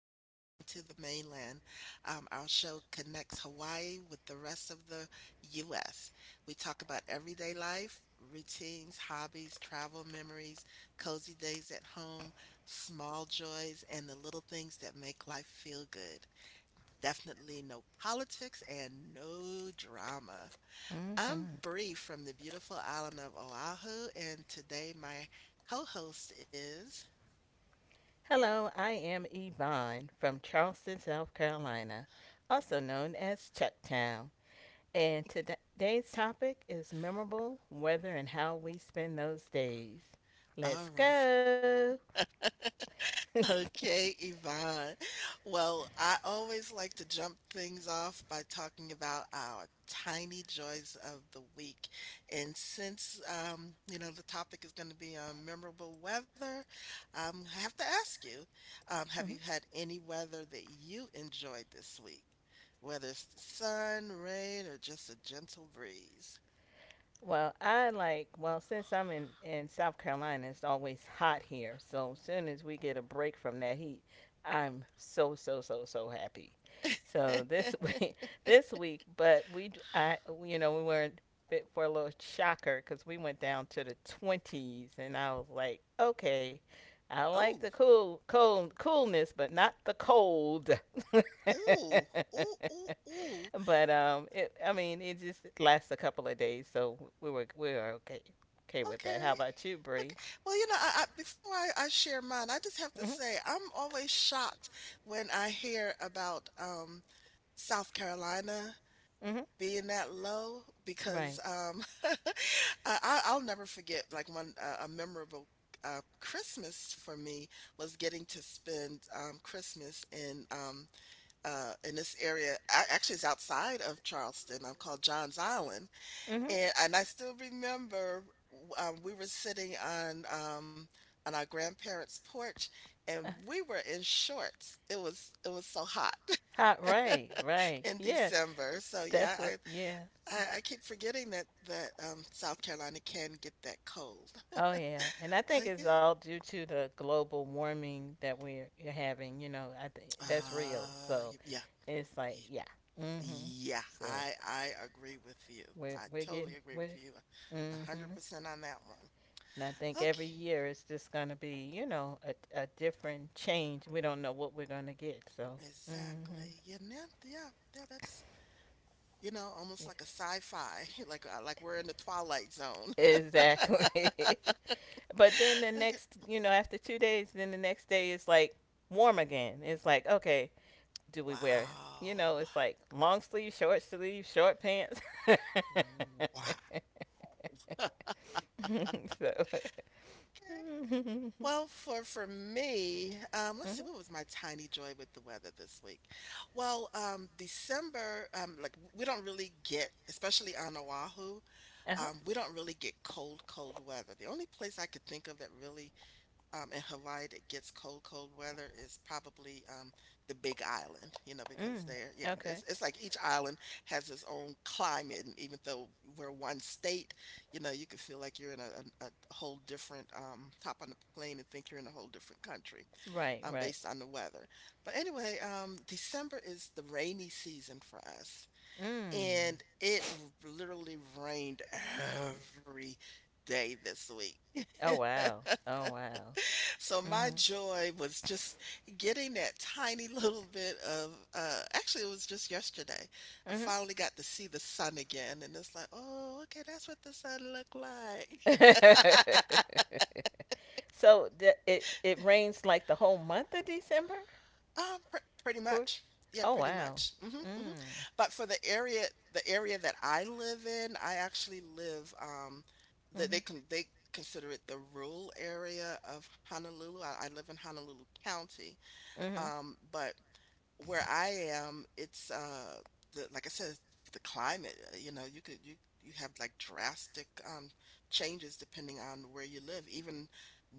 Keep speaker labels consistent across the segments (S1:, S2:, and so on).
S1: of Hawaii to the Mainland. Our show connects Hawaii with the rest of the U.S. We talk about everyday life, routines, hobbies, travel memories, cozy days at home, small joys, and the little things that make life feel good. Definitely no politics and no drama. I'm
S2: Mhm.
S1: Bree from the beautiful island of Oahu, and today my co host is.
S2: Hello, I am Yvonne from Charleston, South Carolina, also known as Chucktown. And today's topic is memorable weather and how we spend those days. Let's
S1: All
S2: go.
S1: okay, Yvonne. Well, I always like to jump things off by talking about our tiny joys of the week. And since, you know, the topic is going to be on memorable weather, I have to ask you, have you
S2: Mhm.
S1: had any weather that you enjoyed this week? Whether it's the sun, rain, or just a gentle breeze?
S2: Well, since I'm in South Carolina, it's always hot here. So soon as we get a break from that heat, I'm so, so, so, so happy. So this week, this week, but you know, we were bit for a little shocker because we went down to the 20s, and I was like, okay, I like
S1: Oh,
S2: the cool, cold, coolness, but not the cold.
S1: ooh, ooh, ooh, ooh.
S2: But it, I mean, it just lasts a couple of days, so we were okay with that.
S1: Okay.
S2: How about you,
S1: Okay.
S2: Bree?
S1: Well, you know, I before I share mine, I just have to
S2: Mhm.
S1: say I'm always shocked when I hear about South Carolina
S2: Mhm.
S1: being that low because
S2: Right.
S1: I'll never forget like one a memorable Christmas for me was getting to spend Christmas in this area. I, actually, it's outside of Charleston. I'm called Johns Island,
S2: Mhm.
S1: and I still remember we were sitting on our grandparents' porch, and
S2: Uh,
S1: we were in shorts. It was so hot
S2: Hot. Right. Right.
S1: in
S2: Yeah.
S1: December. So yeah,
S2: That's
S1: I,
S2: a, yeah.
S1: I I keep forgetting that South Carolina can get that cold.
S2: Oh yeah. And I
S1: Oh
S2: think
S1: yeah,
S2: it's all due to the global warming that we're you're having. You know, I think that's real. So
S1: yeah.
S2: it's
S1: y-
S2: like, yeah. Mhm.
S1: Yeah,
S2: So
S1: I agree with you.
S2: we're
S1: I
S2: we're getting
S1: totally agree with
S2: we're,
S1: you, a
S2: mhm.
S1: hundred percent on that one.
S2: And I think every
S1: Okay,
S2: year it's just going to be, you know, a different change. We don't know what we're going to get. So, mm hmm.
S1: exactly. Yeah, yeah, yeah. That's You know, almost
S2: Yeah,
S1: like a sci-fi, like we're in the Twilight Zone.
S2: exactly. But then the
S1: Okay.
S2: next, you know, after 2 days, then the next day is like warm again. It's like, okay, do we wear,
S1: Wow.
S2: you know, it's like long sleeve, short pants. So,
S1: Wow.
S2: mm-hmm.
S1: Well, for me, let's see,
S2: Uh
S1: what was my tiny joy with the weather this week? Well, December, we don't really get, especially on Oahu,
S2: huh.
S1: we don't really get cold, cold weather. The only place I could think of that really, in Hawaii that gets cold, cold weather is probably the Big Island, you know, because
S2: Mm.
S1: they're, yeah,
S2: Okay.
S1: it's like each island has its own climate, and even though we're one state, you know, you could feel like you're in a whole different, hop on the plane and think you're in a whole different country,
S2: Right, right.
S1: based on the weather. But anyway, December is the rainy season for us,
S2: Mm.
S1: and it literally rained every day this week.
S2: Oh wow. Oh wow.
S1: So my
S2: Mhm.
S1: joy was just getting that tiny little bit of, actually, it was just yesterday. I finally got to see the sun again, and it's like, oh, okay, that's what the sun looked like.
S2: Mhm. So it it rains like the whole month of December
S1: Um, pr- Pretty
S2: for?
S1: much. Yeah,
S2: Oh
S1: pretty
S2: wow.
S1: much. Hmm hmm
S2: Mm.
S1: But for the area that I live in, I actually live that they
S2: Mhm.
S1: can they consider it the rural area of Honolulu. I live in Honolulu County,
S2: Mhm.
S1: but where I am, it's the like I said, the climate, you know, you could you you have like drastic changes depending on where you live. Even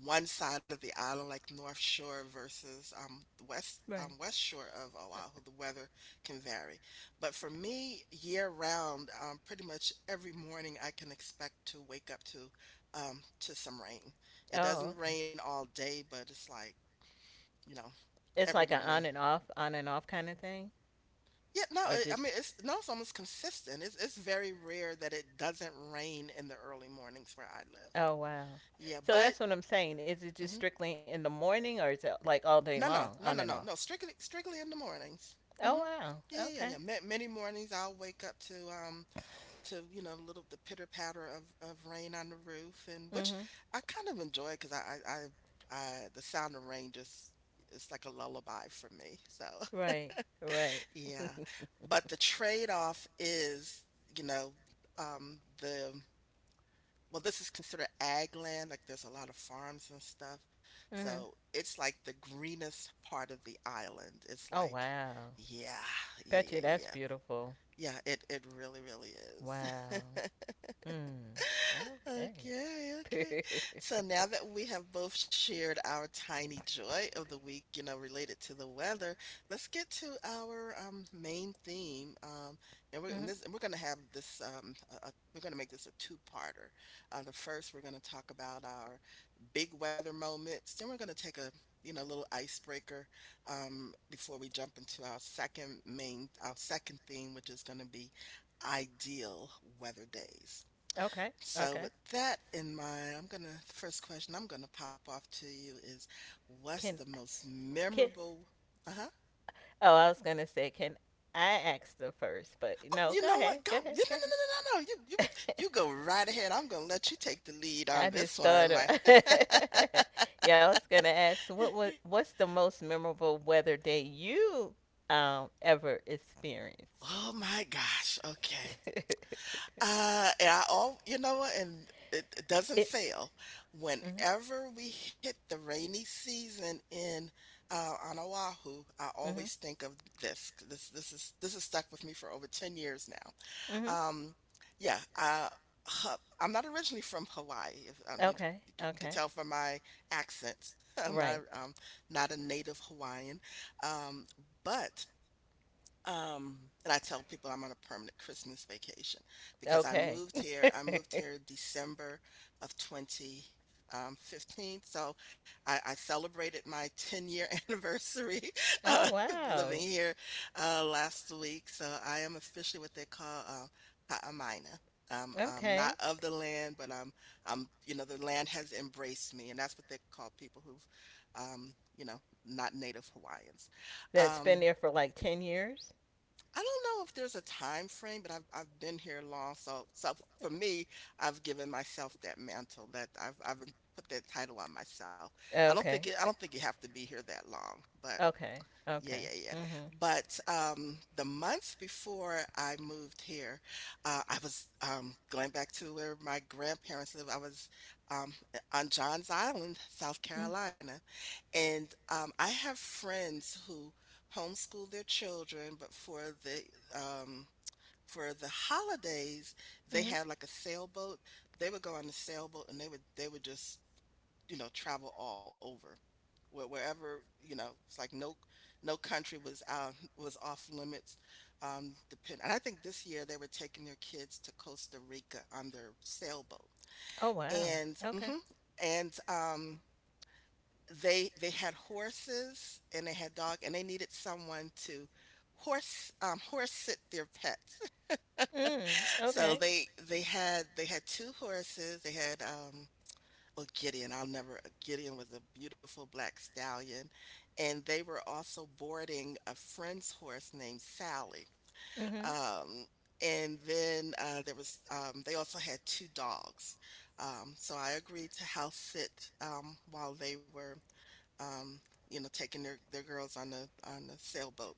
S1: one side of the island, like North Shore versus
S2: Right.
S1: West Shore of Oahu, the weather can vary. But for me, year round, pretty much every morning I can expect to wake up to some rain. It doesn't
S2: Oh, okay.
S1: rain all day, but it's like, you know,
S2: It's
S1: every
S2: like an
S1: morning.
S2: on and off kind of thing,
S1: Yeah, no,
S2: or
S1: I
S2: just?
S1: mean it's no, it's almost consistent. It's very rare that it doesn't rain in the early mornings where I live.
S2: Oh wow.
S1: Yeah,
S2: So
S1: but
S2: that's what I'm saying. Is it just
S1: mhm.
S2: strictly in the morning, or is it like all day
S1: No,
S2: long,
S1: no,
S2: on
S1: no,
S2: and
S1: no, no,
S2: off?
S1: no. Strictly, strictly in the mornings.
S2: Oh
S1: Hmm
S2: wow.
S1: Yeah, yeah, yeah.
S2: Okay.
S1: yeah. Many mornings I'll wake up to you know little the pitter patter of rain on the roof, and which
S2: Mhm.
S1: I kind of enjoy because I the sound of rain just it's like a lullaby for me. So
S2: Right. Right.
S1: yeah. But the trade-off is, you know, um, the, well, this is considered ag land. Like there's a lot of farms and stuff. So
S2: Mhm.
S1: it's like the greenest part of the island. It's
S2: Oh
S1: like,
S2: wow.
S1: yeah, yeah, yeah,
S2: Petchy, that's
S1: yeah.
S2: beautiful.
S1: Yeah, it really, really is.
S2: Wow. Mm.
S1: Okay, okay.
S2: Okay.
S1: So now that we have both shared our tiny joy of the week, you know, related to the weather, let's get to our main theme. And we're and
S2: Mhm.
S1: this and We're gonna have we're gonna make this a two-parter. The first we're gonna talk about our big weather moments. Then we're gonna take a you know little icebreaker before we jump into our second main our second theme, which is gonna be ideal weather days.
S2: Okay.
S1: So
S2: Okay.
S1: with that in mind, I'm gonna the first question I'm gonna pop off to you is what's the
S2: Can
S1: most
S2: can
S1: memorable uh-huh.
S2: oh, I was gonna say can I ask the first, but
S1: Oh,
S2: no,
S1: you
S2: go
S1: know
S2: ahead.
S1: what? Go
S2: Go
S1: no no
S2: ahead. Go
S1: no no no no. no,
S2: ahead.
S1: you go right ahead. I'm gonna let you take the lead
S2: I
S1: on this
S2: just
S1: one.
S2: thought of.
S1: My
S2: Yeah, I was gonna ask what's the most memorable weather day you ever experienced?
S1: Oh my gosh. Okay. And I all You know what, and it doesn't
S2: It,
S1: fail.
S2: mhm.
S1: Whenever we hit the rainy season in on Oahu, I
S2: Mhm.
S1: always think of this. This is this has stuck with me for over 10 years now.
S2: Mhm.
S1: Yeah, uh, I'm not originally from Hawaii. If,
S2: Okay,
S1: you could
S2: okay.
S1: tell from my accent, I'm not
S2: Right.
S1: not a native Hawaiian. Um, but um, and I tell people I'm on a permanent Christmas vacation because I
S2: Okay.
S1: moved here. I moved here December of 2015. So I celebrated my 10 year anniversary uh,
S2: Oh
S1: living
S2: wow.
S1: here last week. So I am officially what they call Ha'amaina. I'm
S2: Okay.
S1: not of the land, but I'm, you know, the land has embraced me, and that's what they call people who've, you know, not native Hawaiians.
S2: That's been
S1: Um,
S2: there for like 10 years.
S1: I don't know if there's a time frame, but I've been here long, so so for me, I've given myself that mantle that I've put that title on myself. I don't think
S2: Okay.
S1: it, I don't think you have to be here that long, but
S2: Okay.
S1: yeah,
S2: Okay.
S1: yeah, yeah.
S2: Mhm.
S1: But the month before I moved here, I was going back to where my grandparents live. I was on Johns Island, South
S2: Mm.
S1: Carolina. And I have friends who homeschool their children, but um, for the holidays, they
S2: Mhm.
S1: had like a sailboat. They would go on the sailboat and they would just, you know, travel all over wherever, you know it's like no country was was off limits, depend and I think this year they were taking their kids to Costa Rica on their sailboat,
S2: Oh wow.
S1: and
S2: Okay.
S1: hmm and they had horses and they had dog and they needed someone to horse sit their pets.
S2: Mm.
S1: So
S2: Okay.
S1: they had two horses, they had well, Gideon, I'll never, Gideon was a beautiful black stallion. And they were also boarding a friend's horse named Sally.
S2: Mhm.
S1: Um, and then there was, they also had two dogs. So I agreed to house sit while they were, um, you know, taking their girls on the sailboat.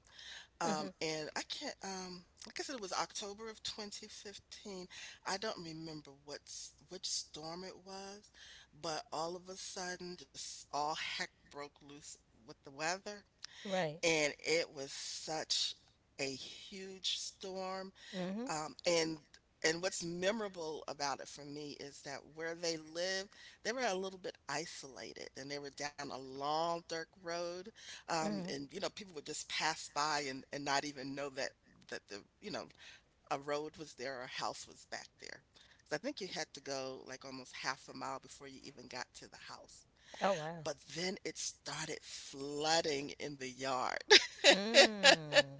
S2: Mhm.
S1: And I can't, like I said, it was October of 2015. I don't remember which storm it was, but all of a sudden, just all heck broke loose with the weather,
S2: Right.
S1: and it was such a huge storm,
S2: Mhm.
S1: um, and and what's memorable about it for me is that where they lived, they were a little bit isolated, and they were down a long dirt road,
S2: Mhm.
S1: and you know people would just pass by and not even know that that the you know a road was there or a house was back there. So I think you had to go like almost half a mile before you even got to the house.
S2: Oh wow.
S1: But then it started flooding in the yard.
S2: Mm.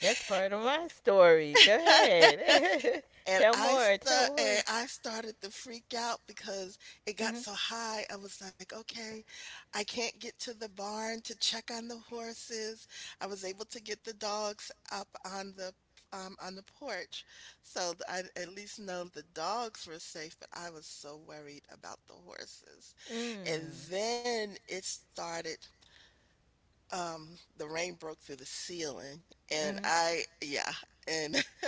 S2: That's part of my story. Go ahead.
S1: And
S2: Tell more. Tell more.
S1: I started to freak out because it got
S2: Mhm.
S1: so high. I was like, okay, I can't get to the barn to check on the horses. I was able to get the dogs up on the porch, so I at least know the dogs were safe. But I was so worried about the horses, and
S2: Mm.
S1: then it started. The rain broke through the ceiling, and
S2: Mhm.
S1: I yeah, and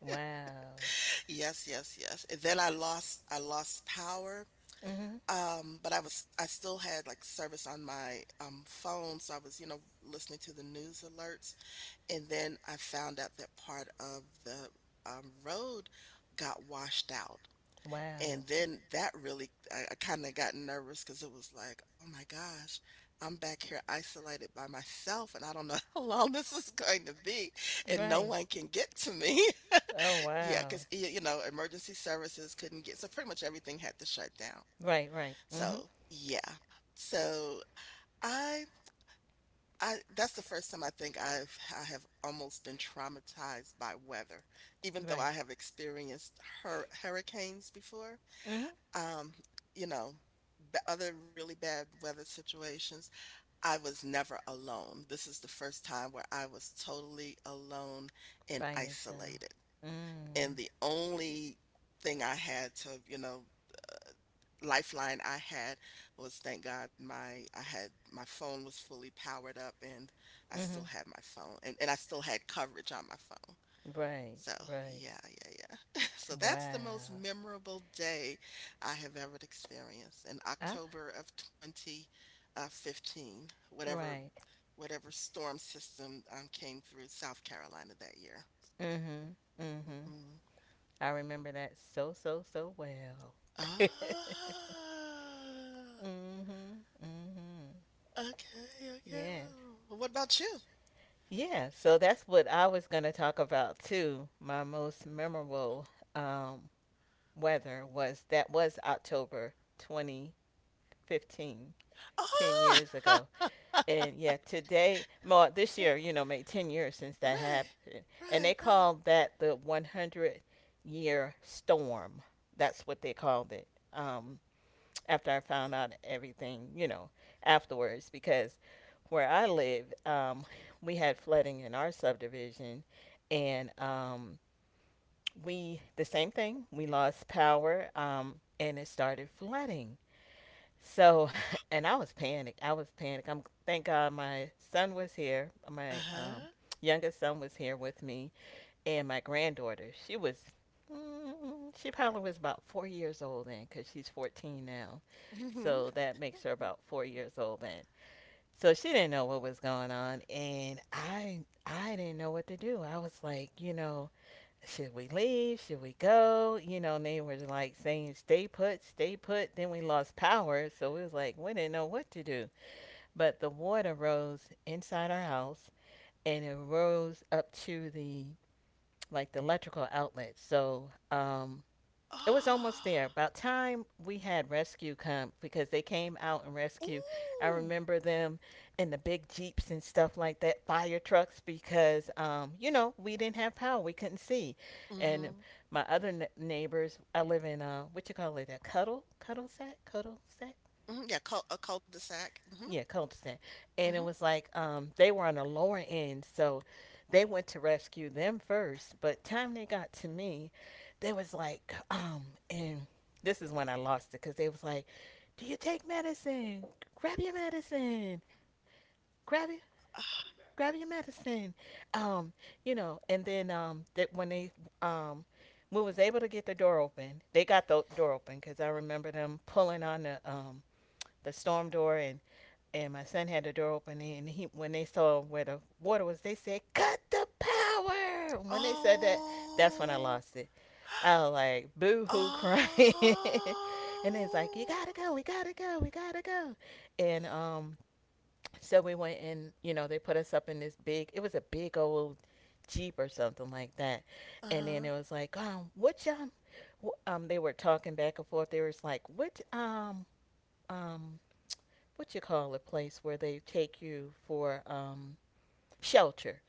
S2: Wow.
S1: yes, yes, yes. And then I lost power.
S2: Mhm.
S1: But I was I still had like service on my phone, so I was, you know, listening to the news alerts. And then I found out that part of the road got washed out.
S2: Wow.
S1: And then that really I kind of got nervous because it was like, oh my gosh, I'm back here isolated by myself and I don't know how long this is going to be and no
S2: Right.
S1: one can get to me.
S2: Oh
S1: Yeah,
S2: wow.
S1: cause you know, emergency services couldn't get so pretty much everything had to shut down.
S2: Right, right. Mm-hmm.
S1: So, yeah. So, I I that's the first time I think I have almost been traumatized by weather, even though
S2: Right.
S1: I have experienced hurricanes before.
S2: Mm-hmm.
S1: Um, you know, b Other really bad weather situations. I was never alone. This is the first time where I was totally alone and
S2: By yourself.
S1: isolated. And
S2: Mm.
S1: the only thing I had to, you know, lifeline I had was thank God my I had my phone was fully powered up and I still
S2: Mm-hmm.
S1: had my phone and I still had coverage on my phone.
S2: Right,
S1: So
S2: right.
S1: yeah, yeah, yeah. So that's the most
S2: Wow.
S1: memorable day I have ever experienced in
S2: Ah,
S1: October of 2015, whatever
S2: right.
S1: whatever storm system came through South Carolina that year.
S2: Mm-hmm. Mm-hmm.
S1: Hmm.
S2: I remember that so, so, so well.
S1: Ah,
S2: Mm-hmm. Mm-hmm.
S1: okay, okay.
S2: Yes.
S1: Well, what about you?
S2: Yeah. So that's what I was going to talk about too. My most memorable um, weather was that was October 2015, 10 years
S1: Ah,
S2: ago. And yeah, today, well, this year, you know, made 10 years since that
S1: right,
S2: happened. And they
S1: right, right.
S2: called that the 100-year storm. That's what they called it. Um, After I found out everything, you know, afterwards, because where I live, we had flooding in our subdivision, and we, the same thing, we lost power, and it started flooding. So, and I was panicked. I was panicked. I'm thank God my son was here. My
S1: Uh-huh.
S2: youngest son was here with me, and my granddaughter. She was, mm, she probably was about 4 years old then, because she's 14 now.
S1: Mm-hmm.
S2: So that makes her about 4 years old then. So she didn't know what was going on, and I didn't know what to do. I was like, you know, should we leave? Should we go? You know, and they were like saying, stay put, stay put. Then we lost power. So we was like, we didn't know what to do. But the water rose inside our house and it rose up to the like the electrical outlet. So it was almost there.
S1: Ah,
S2: About time we had rescue come, because they came out and rescue. I
S1: ooh.
S2: remember them in the big jeeps and stuff like that, fire trucks, because you know, we didn't have power, we couldn't see. And
S1: Mm-hmm.
S2: my other neighbors, I live in what you call it, a cuddle sack,
S1: Hmm. Yeah, cul a cul-de-sac. Mm-hmm.
S2: yeah, Colston. And it
S1: Mm-hmm.
S2: was like, they were on the lower end, so they went to rescue them first. But time they got to me, they was like, and this is when I lost it because they was like, "Do you take medicine? Grab your medicine. Grab it." Grab your medicine, um, you know, and then that when they, um, we was able to get the door open. They got the door open because I remember them pulling on the storm door, and my son had the door open, and he when they saw where the water was, they said cut the power. And when they said that, that's when I
S1: Oh,
S2: lost it. I was like boo-hoo crying.
S1: oh.
S2: And it's like, you gotta go, we gotta go, we gotta go. And so we went, and you know they put us up in this big, it was a big old jeep or something like that. And then it
S1: Uh-huh.
S2: was like they were talking back and forth. They was like, um what you call a place where they take you for, shelter.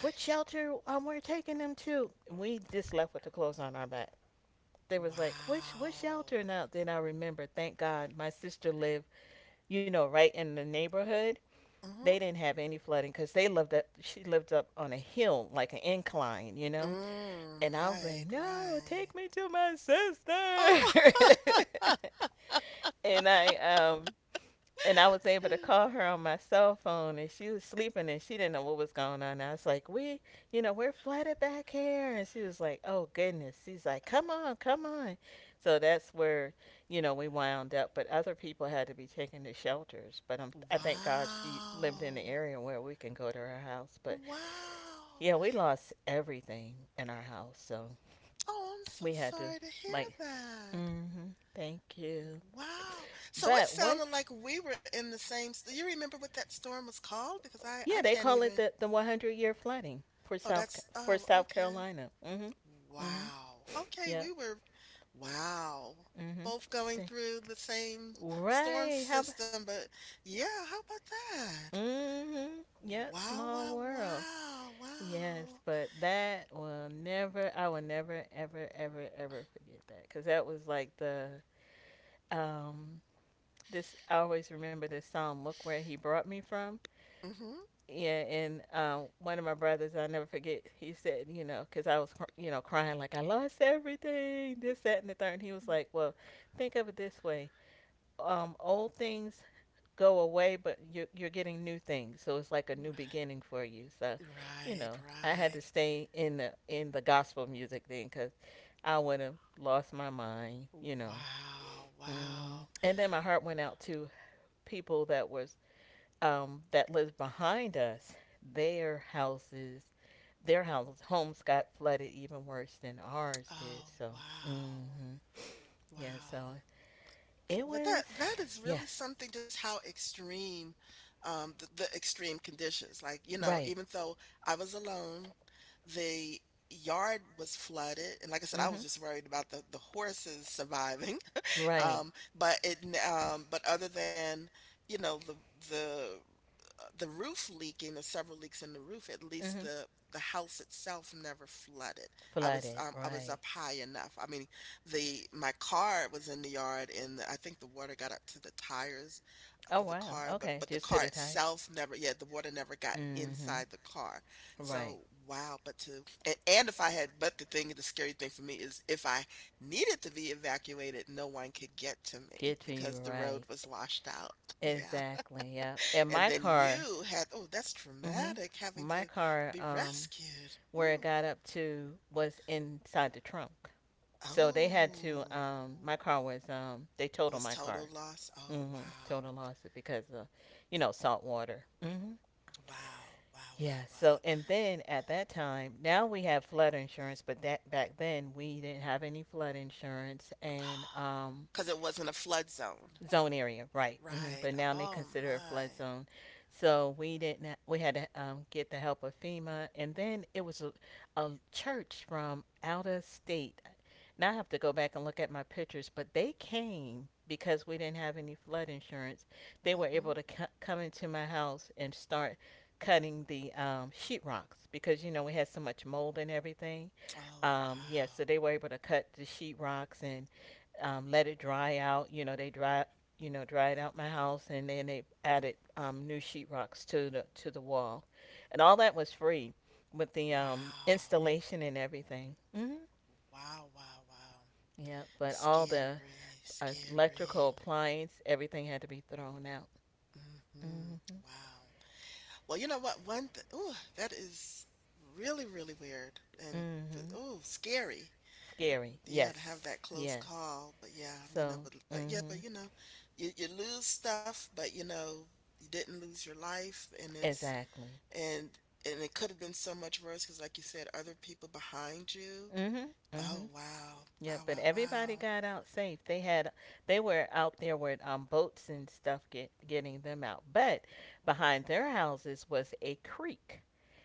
S2: What shelter we're taking them to? We just left with the clothes on our back. They was like, which shelter?
S1: Wow.
S2: And then I remember, thank God, my sister lived, you know, right in the neighborhood.
S1: Mm-hmm.
S2: They didn't have any flooding because they lived up. She lived up on a hill, like an incline, you know. And
S1: Mm,
S2: I was like,
S1: right,
S2: no, take
S1: right.
S2: me to my sister.
S1: Oh.
S2: And I and I was able to call her on my cell phone, and she was sleeping, and she didn't know what was going on. I was like, "We, you know, we're flooded back here," and she was like, "Oh goodness." She's like, "Come on, come on." So that's where you know we wound up. But other people had to be taken to shelters. But I thank God she lived in the
S1: Wow.
S2: area where we can go to her house. But
S1: Wow.
S2: yeah, we lost everything in our house, so
S1: Oh, I'm so
S2: we had to,
S1: sorry to hear
S2: like,
S1: that.
S2: mm-hmm, thank you.
S1: Wow. So it
S2: But what?
S1: sounded like we were in the same. Do you remember what that storm was called? Because I
S2: Yeah, they
S1: can't
S2: call it
S1: even.
S2: the 100-year flooding for
S1: Oh, that's.
S2: For
S1: Oh,
S2: South
S1: okay.
S2: Carolina. Mhm. Mhm.
S1: Wow. Okay,
S2: Yep.
S1: we were. Wow.
S2: Mhm.
S1: Both going
S2: See.
S1: through the same storm
S2: Right. How? Ab-.
S1: system, but yeah, how about that?
S2: Mhm. Yep.
S1: Wow,
S2: Small
S1: wow,
S2: world.
S1: wow,
S2: Yes,
S1: wow.
S2: but that will never. I will never, ever, ever, ever forget that, because that was like the um. This I always remember this song. Look where he brought me from.
S1: Hmm.
S2: Yeah, and one of my brothers, I never forget, he said, you know, because I was, you know, crying like I lost everything, this, that, and the third. And he was like, well, think of it this way: old things go away, but you're getting new things, so it's like a
S1: Mm.
S2: new beginning for you. So,
S1: Right,
S2: you
S1: right,
S2: know, I had
S1: right.
S2: to stay in the gospel music then, because I would have lost my mind, you know.
S1: Wow, wow.
S2: Hmm. And then my heart went out to people that was that lived behind us, their houses their house, homes got flooded even worse than ours did.
S1: Oh,
S2: So, hmm,
S1: wow.
S2: yeah, so
S1: Wow.
S2: it
S1: But that
S2: was,
S1: that is
S2: yeah,
S1: really something just how extreme the extreme conditions. Like, you know,
S2: right,
S1: even though I was alone, the yard was flooded and like I said I was
S2: hmm,
S1: just worried about the horses surviving.
S2: right,
S1: Um, but it, but other than, you know, the the roof leaking, the several leaks in the roof, at least
S2: hmm,
S1: the house itself never flooded.
S2: flooded,
S1: I was
S2: right.
S1: up high enough. I mean, the my car was in the yard, and I think the water got up to the tires of
S2: Oh
S1: the
S2: wow,
S1: car, but
S2: okay,
S1: the
S2: just
S1: car
S2: to the tire.
S1: itself never. Yeah, the water never got
S2: Hmm,
S1: inside the car.
S2: right,
S1: So wow, but to and if I had, but the thing, the scary thing for me is if I needed to be evacuated, no one could get to me
S2: get to you,
S1: because the road
S2: right,
S1: was washed out. Yeah.
S2: exactly, yeah. And
S1: And
S2: my
S1: then
S2: car,
S1: you had, oh, that's
S2: hmm,
S1: traumatic having
S2: my
S1: to
S2: car,
S1: be rescued.
S2: where it
S1: Ooh.
S2: got up to was inside the trunk. So they had to,
S1: Oh,
S2: they
S1: it
S2: totaled
S1: was
S2: my
S1: total
S2: car.
S1: loss. Oh,
S2: Mm-hmm.
S1: wow.
S2: Total loss it because of, you know, salt water. Mm-hmm.
S1: Wow. Wow. Wow.
S2: Yeah.
S1: Wow.
S2: So and then at that time, now we have flood insurance, but that back then we didn't have any flood insurance, and
S1: Because it wasn't a flood zone.
S2: zone area, right? Hmm.
S1: Right.
S2: But now they
S1: Oh,
S2: consider it a
S1: my.
S2: flood zone. So we didn't. We had to get the help of FEMA, and then it was a church from out of state. Now I have to go back and look at my pictures, but they came because we didn't have any flood insurance. They were
S1: Mhm.
S2: able to come into my house and start cutting the sheetrocks, because you know we had so much mold and everything.
S1: Oh,
S2: Yeah, so
S1: wow.
S2: they were able to cut the sheetrocks, and let it dry out. You know, they dry, you know, dried out my house, and then they added new sheetrocks to the wall, and all that was free with the
S1: Wow.
S2: installation and everything. Hmm.
S1: Wow, wow, wow.
S2: Yeah, but all the
S1: Scary,
S2: electrical
S1: scary.
S2: appliance, everything had to be thrown out.
S1: Mhm.
S2: Mm-hmm.
S1: Wow. Well, you know what? One th Ooh, that is really, really weird and,
S2: Mm-hmm.
S1: oh, scary.
S2: Scary.
S1: Yeah, to have
S2: Yes.
S1: that close
S2: Yes.
S1: call, but yeah, you know,
S2: So.
S1: but yeah,
S2: Mm-hmm.
S1: but you know, you lose stuff, but you know, you didn't lose your life, and it's
S2: Exactly.
S1: and and it could have been so much worse because, like you said, other people behind you.
S2: Mm-hmm.
S1: Oh
S2: Mm-hmm.
S1: wow,
S2: Yeah,
S1: wow,
S2: but
S1: wow, wow.
S2: everybody got out safe. They were out there with boats and stuff getting them out. But behind their houses was a creek.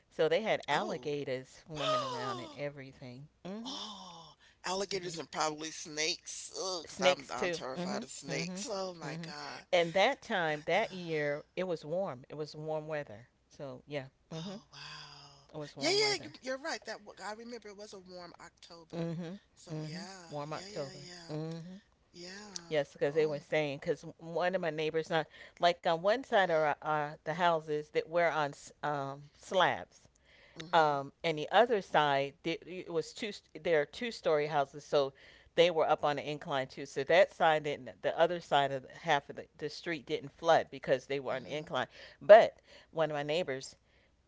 S2: So they had
S1: Oh,
S2: alligators swimming around and everything. Mhm.
S1: oh, alligators
S2: Yeah.
S1: and probably snakes. Oh, because I'm
S2: Snakes
S1: I'm
S2: too.
S1: terrified
S2: Mhm.
S1: of
S2: Mhm.
S1: snakes. Oh my
S2: Mhm.
S1: God,
S2: And that
S1: I
S2: time
S1: know.
S2: that year it was warm. It was warm weather. So, yeah. Mhm.
S1: Oh, wow.
S2: It was
S1: Yeah,
S2: warm
S1: yeah,
S2: weather.
S1: you you're right, I remember it was a warm October.
S2: Mhm.
S1: So,
S2: Mhm.
S1: yeah.
S2: Warm
S1: Yeah, yeah,
S2: October.
S1: yeah.
S2: Mhm.
S1: Yeah.
S2: Yes, because they
S1: Oh
S2: were saying because one of my neighbors on like on one side are the houses that were on slabs,
S1: mhm,
S2: and the other side the- it was two. St- There are two-story houses, so they were up on an incline too. So that side didn't. The other side of the, half of the street didn't flood because they were on an
S1: mhm.
S2: incline. But one of my neighbors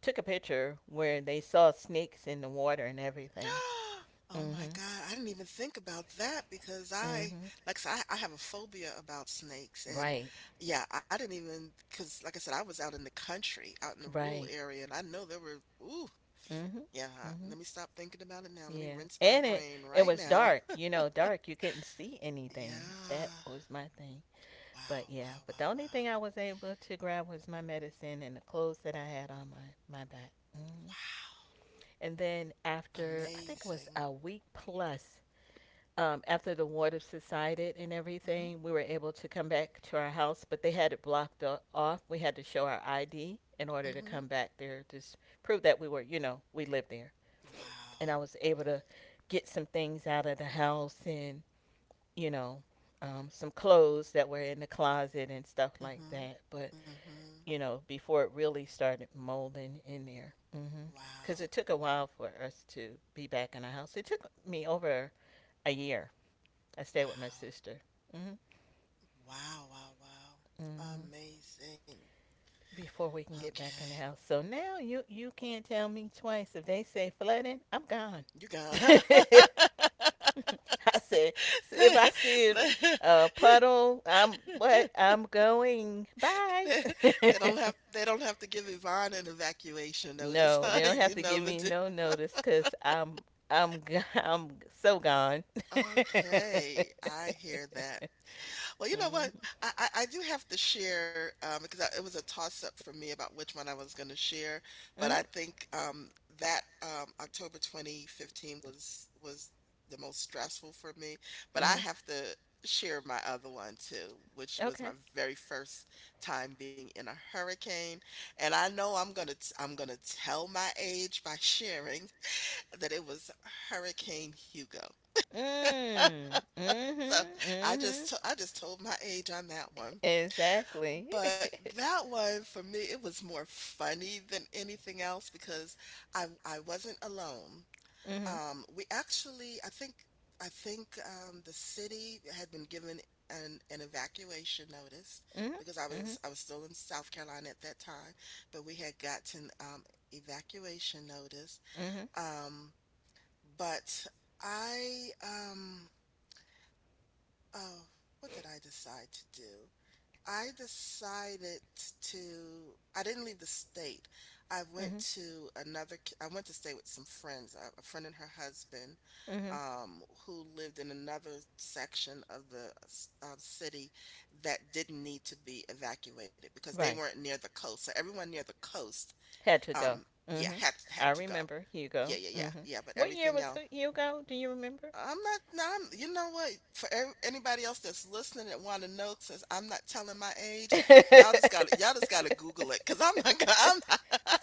S2: took a picture where they saw snakes in the water and everything.
S1: Oh my
S2: Mhm.
S1: god, I didn't even think about that because
S2: Mhm.
S1: I like I said, I have a phobia about snakes, and,
S2: Right.
S1: yeah, I didn't even even because, like I said, I was out in the country, out in the rural
S2: Right.
S1: area, and I know there were ooh,
S2: Mhm.
S1: yeah,
S2: Mhm.
S1: let me stop thinking about it now, let me
S2: Yeah.
S1: rinse my
S2: And it
S1: brain
S2: it
S1: right
S2: was
S1: now.
S2: dark, you know, dark. You couldn't see anything. That
S1: Yeah.
S2: was my thing. But
S1: Wow,
S2: yeah,
S1: wow,
S2: but the
S1: wow,
S2: only thing
S1: wow.
S2: I was able to grab was my medicine and the clothes that I had on my back. Hmm
S1: Wow,
S2: And then after I think it was
S1: amazing.
S2: a week plus after the water subsided and
S1: Mhm,
S2: everything, we were able to come back to our house, but they had it blocked off. We had to show our ID in order to
S1: mhm.
S2: come back there, just prove that we were, you know, we lived there, and I
S1: Wow.
S2: was able to get some things out of the house and you know some clothes that were in the closet and stuff like
S1: Mhm,
S2: that. But
S1: mhm.
S2: before it really started molding in there, because mm-hmm.
S1: Wow,
S2: It took a while for us to be back in the house. It took me over a year. I stayed with my
S1: wow,
S2: sister. Hmm
S1: wow, wow, wow.
S2: hmm
S1: Amazing.
S2: Before we can get back in
S1: Okay,
S2: the house, so now you can't tell me twice if they say flooding, I'm gone.
S1: you got
S2: I said, "If
S1: They
S2: I see it,
S1: they
S2: a puddle, I'm what? I'm going. Bye.
S1: they- they don't have they don't have to give Yvonne an evacuation notice,
S2: No,
S1: huh?
S2: they don't have
S1: You
S2: to give
S1: know the
S2: me
S1: di.
S2: no notice because I'm so gone.
S1: Okay, I hear that. Well, you know what?
S2: Mhm,
S1: I do have to share because I, it was a toss-up for me about which one I was going to share, but
S2: mhm,
S1: I think that October 2015 was the most stressful for me. But I
S2: mhm.
S1: have to share my other one too, which was my
S2: Okay.
S1: very first time being in a hurricane. And I know I'm gonna tell my age by sharing that it was Hurricane Hugo.
S2: Mm.
S1: So
S2: Mhm. Mhm.
S1: I just told my age on that one.
S2: Exactly.
S1: But that one for me, it was more funny than anything else because I wasn't alone.
S2: Mhm.
S1: We actually, I think the city had been given an evacuation notice
S2: Mhm.
S1: because
S2: Mhm.
S1: I was still in South Carolina at that time, but we had gotten evacuation notice.
S2: Mhm.
S1: Um, but I um, oh, what did I decide to do? I decided to I didn't leave the state.
S2: Mhm.
S1: I went to stay with some friends, a friend and her husband,
S2: Mhm.
S1: who lived in another section of city that didn't need to be evacuated because they
S2: Right.
S1: weren't near the coast. So everyone near the coast,
S2: Had to go.
S1: um, yeah,
S2: Mm-hmm.
S1: had had
S2: I
S1: to go.
S2: remember
S1: Yeah,
S2: Hugo.
S1: yeah, yeah,
S2: Mm-hmm.
S1: yeah. But
S2: What year
S1: everything
S2: was
S1: else
S2: Hugo? Do you remember?
S1: I'm not. No, I'm, you know what? Anybody else that's listening that want to know, since I'm not telling my age,
S2: Mm,
S1: y'all just got to Google it, cause I'm not. Gonna, I'm not.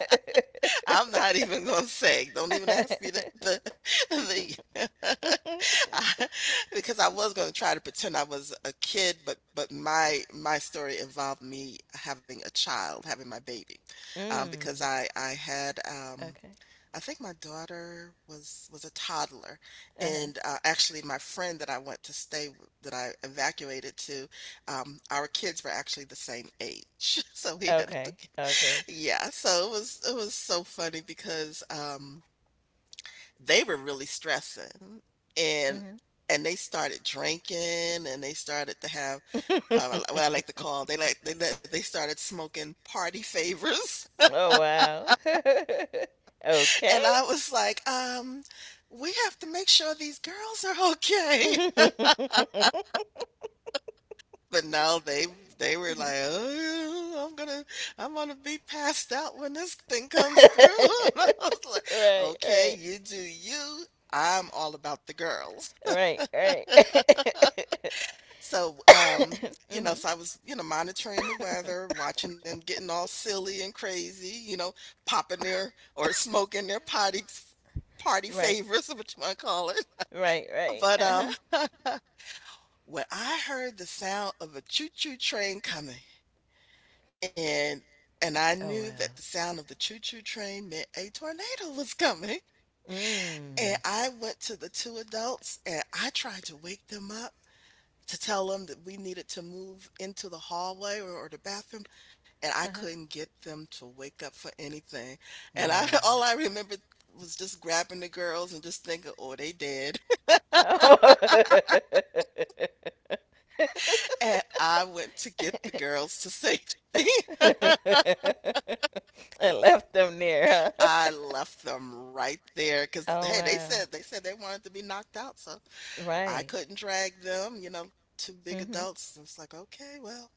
S1: I'm not even gonna say. Don't even ask me the I, because I was gonna try to pretend I was a kid, but my story involved me having a child, having my baby, because I had
S2: okay.
S1: I think my daughter was a toddler,
S2: Uh-huh.
S1: and, actually, my friend that I went to stay w that I evacuated to, our kids were actually the same age, so we had
S2: Okay. Okay.
S1: Yeah, so it was so funny because, they were really stressing, and
S2: Mm-hmm.
S1: and they started drinking, and they started to have, what I like to call they like they started smoking party favors.
S2: Oh wow. Okay.
S1: And I was like, we have to make sure these girls are okay.
S2: Right,
S1: But now they were like, oh, I'm gonna be passed out when this thing comes through. And I was like, okay,
S2: right,
S1: you do you. I'm all about the girls.
S2: right, right.
S1: So, you know,
S2: Mhm.
S1: so I was, you know, monitoring the weather, watching them getting all silly and crazy, you know, popping their or smoking their potty party
S2: Right,
S1: favors, what you want to call it.
S2: right, right.
S1: But
S2: Uh huh.
S1: When I heard the sound of a choo-choo train coming and and I
S2: Oh
S1: knew
S2: wow.
S1: that the sound of the choo-choo train meant a tornado was coming. And
S2: Mm.
S1: I went to the two adults and I tried to wake them up to tell them that we needed to move into the hallway or the bathroom. And I couldn't get them to wake up for anything. And
S2: Wow.
S1: I all I remember was just grabbing the girls and just thinking, oh, they dead.
S2: Oh,
S1: And I went to get the girls to safety.
S2: and left them there, huh?
S1: I left them right there because
S2: Oh
S1: hey, they
S2: wow.
S1: said they said they wanted to be knocked out, so I
S2: Right.
S1: couldn't drag them, you know, two big
S2: Mhm.
S1: adults. And it's like, "Okay, well,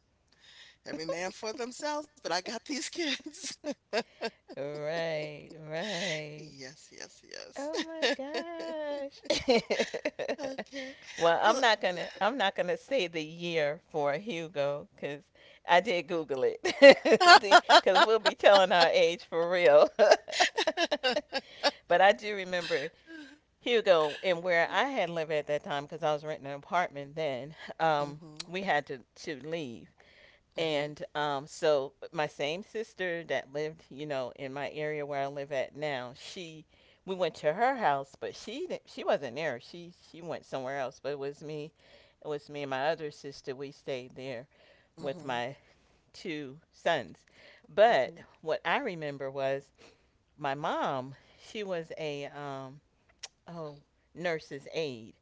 S1: every man for themselves, but I got these kids."
S2: Right, right.
S1: Yes, yes,
S2: Oh
S1: yes.
S2: my gosh.
S1: Okay.
S2: Well, I'm
S1: Well
S2: not going to say the year for Hugo cuz I did google it. Cuz we'll be telling our age for real. But I do remember Hugo and where I had lived at that time cuz I was renting an apartment then. Um
S1: mhm,
S2: we had to leave,
S1: mhm,
S2: and so my same sister that lived, you know, in my area where I live at now, she we went to her house, but she didn't, she wasn't there. She went somewhere else, but it was me. It was me and my other sister. We stayed there with
S1: mhm,
S2: my two sons. But
S1: mhm,
S2: what I remember was my mom. She was a oh nurse's aide.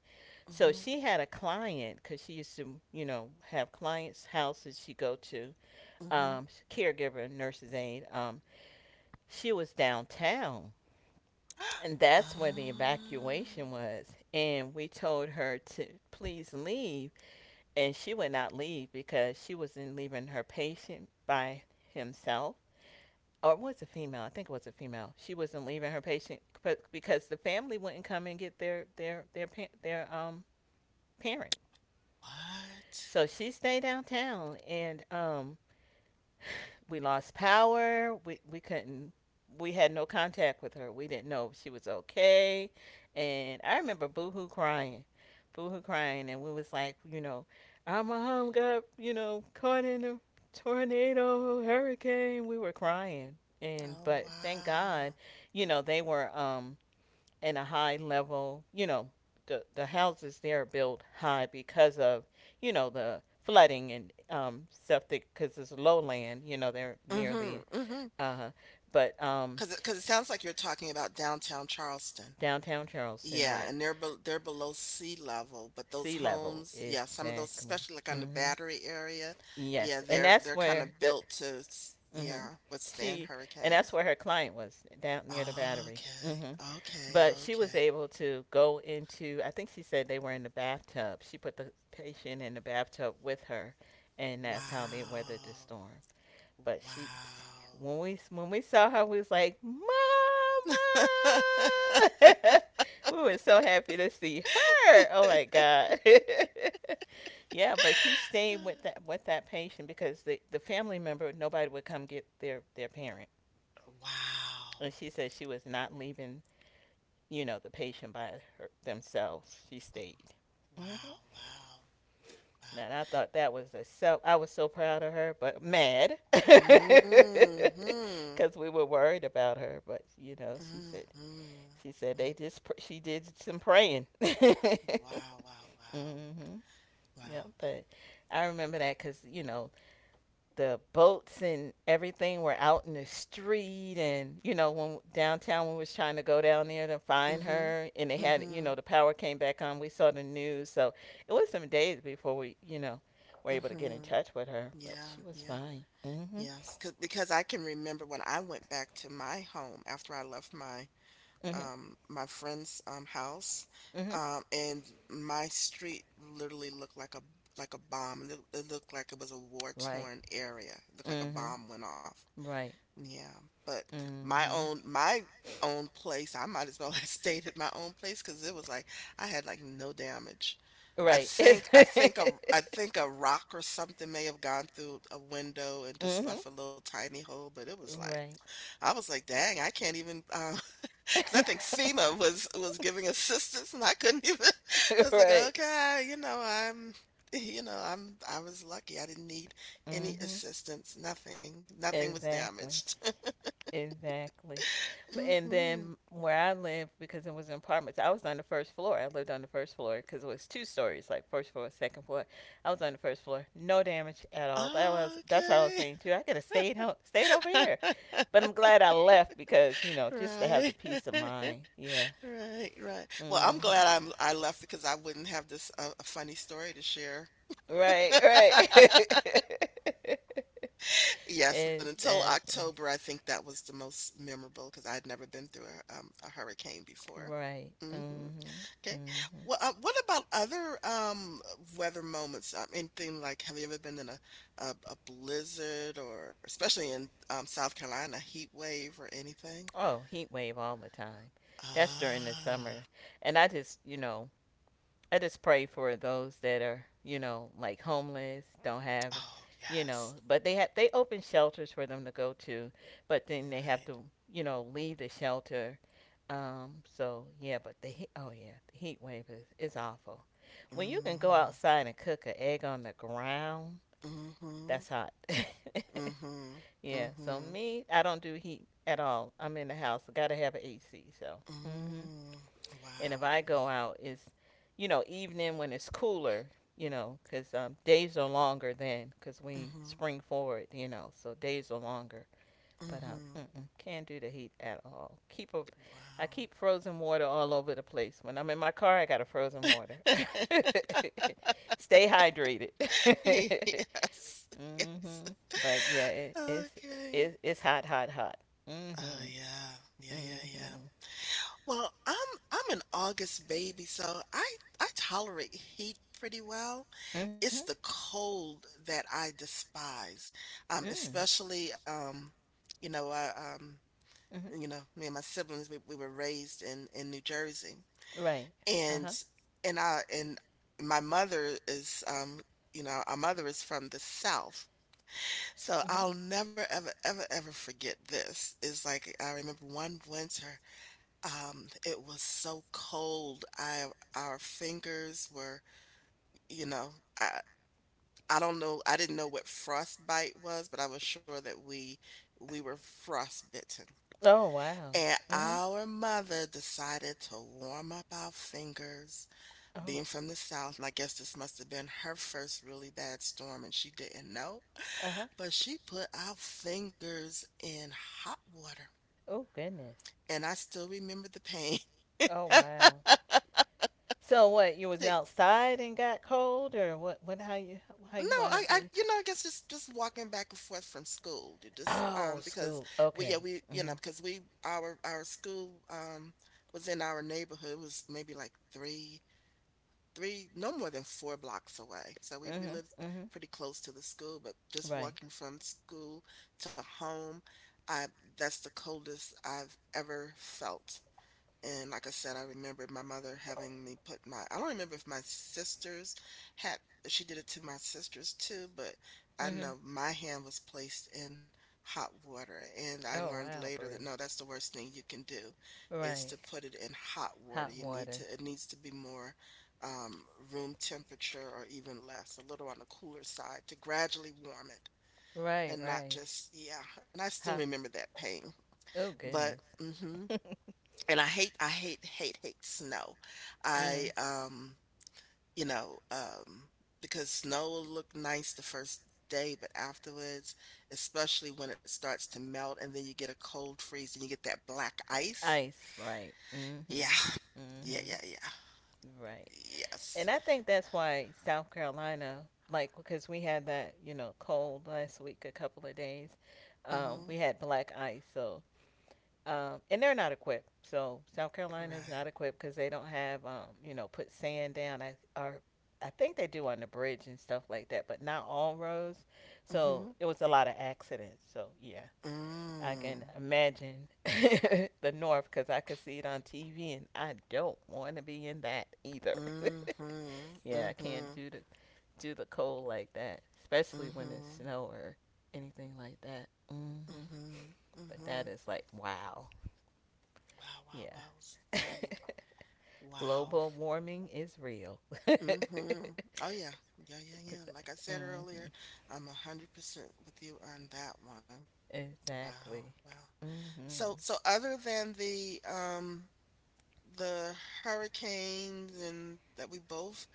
S2: So
S1: mhm,
S2: she had a client because she used to, you know, have clients' houses she go to,
S1: mhm.
S2: caregiver, nurse's aide, she was downtown. And that's where the
S1: Oh,
S2: evacuation was. And we told her to please leave. And she would not leave because she was not leaving her patient by himself. Or it was a female? I think it was a female. She wasn't leaving her patient but because the family wouldn't come and get their parent.
S1: what?
S2: So she stayed downtown, and we lost power. We couldn't. We had no contact with her. We didn't know if she was okay. And I remember Boohoo crying, and we was like, you know, our mom got caught in a tornado, hurricane. We were crying, and
S1: Oh,
S2: but thank
S1: wow.
S2: God, you know, they were and a high level, you know, the houses there are built high because of, you know, the flooding and septic, because it's lowland, you know, they're near the,
S1: Mhm.
S2: uh, but
S1: Because it 'cause it sounds like you're talking about downtown Charleston.
S2: downtown Charleston,
S1: Yeah,
S2: right?
S1: and they're below sea level, but those
S2: Sea level,
S1: homes, yeah, some of those,
S2: exactly.
S1: especially like on the
S2: hmm
S1: Battery area, yeah,
S2: Yes,
S1: they're kind of built to,
S2: hmm
S1: yeah, withstand
S2: she, and
S1: hurricanes.
S2: that's where her client was, down near the battery.
S1: Okay,
S2: Hmm
S1: okay,
S2: But she was
S1: okay.
S2: able to go into, I think she said they were in the bathtub. She put the patient in the bathtub with her, and that's how they weathered the
S1: Wow,
S2: storm. But she,
S1: wow,
S2: when we saw her, we was like, "Mama!"
S1: wow,
S2: we were so happy to see her. Oh my God! Yeah, but she stayed with that patient because the family member, nobody would come get their parent,
S1: wow,
S2: and she said she was not leaving, the patient by her, themselves. She stayed. Mm-hmm.
S1: wow, wow.
S2: And I thought that was a self. I was so proud of her, but mad
S1: Mm-hmm,
S2: because we were worried about her. But you know,
S1: mm-hmm,
S2: she said they just she did some praying. Mm-hmm.
S1: wow, wow, wow,
S2: Yeah,
S1: wow.
S2: but I remember that because the boats and everything were out in the street, and when downtown, when we was trying to go down there to find
S1: Mm-hmm,
S2: her, and they had,
S1: mm-hmm.
S2: the power came back on, we saw the news. So it was some days before we were able to get in
S1: Mhm.
S2: touch with her, but she
S1: Yeah,
S2: was
S1: yeah,
S2: fine. Mhm.
S1: yes. Cause because I can remember when I went back to my home after I left my
S2: Mhm.
S1: my friend's house,
S2: Mhm.
S1: and my street literally looked like a bomb. Looked- it looked like it was a war
S2: Right.
S1: torn area. It looked like a
S2: Mhm.
S1: bomb went off.
S2: Right.
S1: Yeah, but
S2: Mhm.
S1: my own place, I might as well have stayed at my own place because it was like I had like no damage. I
S2: Right.
S1: think I think a I think a rock or something may have gone through a window and just
S2: Mhm.
S1: left a little tiny hole, but it was like
S2: Right.
S1: I was like, dang, I can't even 'cause I think FEMA was giving assistance and I couldn't even I was like,
S2: Right.
S1: okay, I'm I was lucky. I didn't need any
S2: Mhm.
S1: assistance, nothing. Nothing was
S2: Exactly.
S1: damaged.
S2: Exactly. But and
S1: Mhm.
S2: then where I lived, because it was in apartments, I was on the first floor. I lived on the first floor because it was two stories, like first floor, second floor. I was on the first floor, no damage at all. That's what I was
S1: Okay.
S2: saying too. I could have stayed home, stayed over here, but I'm glad I left because just to have
S1: Right.
S2: the peace of mind. Yeah.
S1: Right, right. Well, I'm glad
S2: hmm
S1: I'm I left because I wouldn't have this a funny story to share.
S2: Right. Right.
S1: Yes, but until
S2: Exactly.
S1: October, I think that was the most memorable because I'd never been through a hurricane before.
S2: Right.
S1: Hmm.
S2: hmm
S1: Okay.
S2: hmm
S1: Well, what about other weather moments? Anything like have you ever been in a blizzard or especially in South Carolina, heat wave or anything?
S2: Oh, heat wave all the time. That's during the
S1: Ah.
S2: summer. And I just pray for those that are, you know, like homeless, don't have,
S1: Oh,
S2: you
S1: yes.
S2: know, but they open shelters for them to go to, but then they
S1: Right.
S2: have to, you know, leave the shelter. So yeah, but the heat, oh yeah, the heat wave is awful. When you can go
S1: Mm.
S2: outside and cook an egg on the ground,
S1: Mhm.
S2: that's hot.
S1: Mm. Mhm. Mm.
S2: Yeah, so
S1: Mhm.
S2: me, I don't do heat at all. I'm in the house. I gotta have an AC. So, hmm
S1: Mm.
S2: and if
S1: Wow.
S2: I go
S1: Wow.
S2: out, it's evening when it's cooler. You know, 'cause days are longer then, 'cause we
S1: Mhm.
S2: spring forward. You know, so days are longer.
S1: Mm.
S2: But
S1: Mhm.
S2: mm-mm, can't do the heat at all. I
S1: Wow.
S2: keep frozen water all over the place. When I'm in my car, I got a frozen water. Stay hydrated.
S1: Yes. Yes.
S2: Mm-hmm. But yeah, it, it's
S1: Okay.
S2: it, it's hot, hot, hot.
S1: Oh
S2: Mm-hmm.
S1: yeah. Yeah, yeah, yeah.
S2: Mm-hmm.
S1: Well, I'm an August baby, so I tolerate heat pretty well.
S2: Mm-hmm.
S1: It's the cold that I despise,
S2: Mm.
S1: especially, you know, I, um,
S2: Mm-hmm.
S1: you know, me and my siblings, we were raised in New Jersey,
S2: Right.
S1: and
S2: Uh-huh.
S1: and I and my mother is, you know, our mother is from the South, so
S2: Mm-hmm.
S1: I'll never ever ever ever forget this. It's like I remember one winter, it was so cold. I our fingers were, you know, I, I don't know. I didn't know what frostbite was, but I was sure that we were frostbitten.
S2: Oh wow.
S1: And
S2: Mm-hmm.
S1: our mother decided to warm up our fingers,
S2: Oh.
S1: being from the South. And I guess this must have been her first really bad storm, and she didn't know.
S2: Uh-huh.
S1: But she put our fingers in hot water.
S2: Oh goodness.
S1: And I still remember the pain.
S2: Oh wow. So what, you was
S1: It
S2: outside and got cold, or what how you
S1: No,
S2: wind up getting
S1: you know, I guess just walking back and forth from school, to just
S2: Oh,
S1: because
S2: school.
S1: we, yeah,
S2: Okay.
S1: we, you know,
S2: Mm-hmm.
S1: our school was in our neighborhood. It was maybe like no more than 4 blocks away. So we
S2: Mm-hmm.
S1: lived
S2: Mm-hmm.
S1: pretty close to the school, but just
S2: Right.
S1: walking from school to home, I that's the coldest I've ever felt. And like I said, I remember my mother having me put my, I don't remember if my sisters had, she did it to my sisters too, but I
S2: Mm-hmm.
S1: know my hand was placed in hot water. And I
S2: Oh
S1: learned
S2: wow,
S1: later that
S2: Bree.
S1: no, that's the worst thing you can do is
S2: Right.
S1: to put it in hot water.
S2: Hot
S1: You need to,
S2: water.
S1: it needs to be more um, room temperature or even less, a little on the cooler side to gradually warm it
S2: Right,
S1: and not
S2: right.
S1: just, yeah. And I still
S2: Hot.
S1: remember that pain,
S2: Oh,
S1: but,
S2: goodness.
S1: mm-hmm and I hate, hate, hate snow. I,
S2: Mm.
S1: you know, because snow will look nice the first day, but afterwards, especially when it starts to melt and then you get a cold freeze and you get that black ice.
S2: Ice, right.
S1: Yeah.
S2: Mm-hmm.
S1: Yeah, yeah,
S2: Mm-hmm. Right.
S1: yeah. Yes.
S2: And I think that's why South Carolina, like, because we had that, you know, cold last week, a couple of days.
S1: Mm-hmm.
S2: We had black ice, so and they're not equipped. So South Carolina is
S1: Right.
S2: not equipped because they don't have, put sand down. I are, I think they do on the bridge and stuff like that, but not all roads. So
S1: Mm-hmm.
S2: it was a lot of accidents. So yeah, I
S1: Mm.
S2: can imagine the North because I could see it on TV, and I don't want to be in that either.
S1: Mm-hmm.
S2: Yeah, I can't
S1: Mm-hmm.
S2: do the cold like that, especially when it's
S1: Mm-hmm.
S2: snow or anything like that. Hmm
S1: Mm-hmm.
S2: But
S1: Mm-hmm.
S2: that is like wow.
S1: Wow, wow,
S2: Yeah.
S1: wow. Right. Wow.
S2: Global warming is real.
S1: Mm-hmm. Oh yeah. Yeah, yeah, yeah. Like I said
S2: hmm
S1: earlier, I'm 100% with you on that one. Wow,
S2: Exactly.
S1: wow.
S2: hmm
S1: So other than the hurricanes and that we both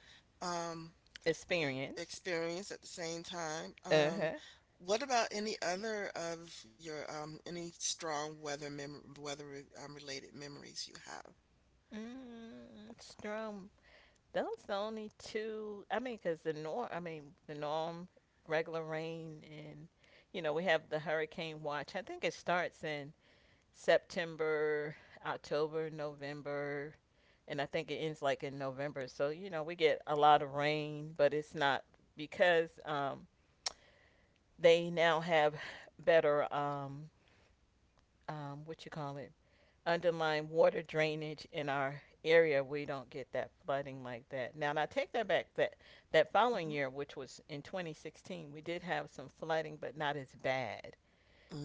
S1: um
S2: Experience.
S1: experienced at the same time,
S2: Uh huh.
S1: what about any other of your any strong weather mem weather re related memories you have?
S2: Mm, Strum. Those the only two. I mean, because the norm. I mean, the norm, regular rain, and we have the hurricane watch. I think it starts in September, October, November, and I think it ends like in November. So you know we get a lot of rain, but it's not because they now have better what you call it underlying water drainage in our area. We don't get that flooding like that. Now, and I take that back. That following
S1: Mm-hmm.
S2: year, which was in 2016, we did have some flooding, but not as bad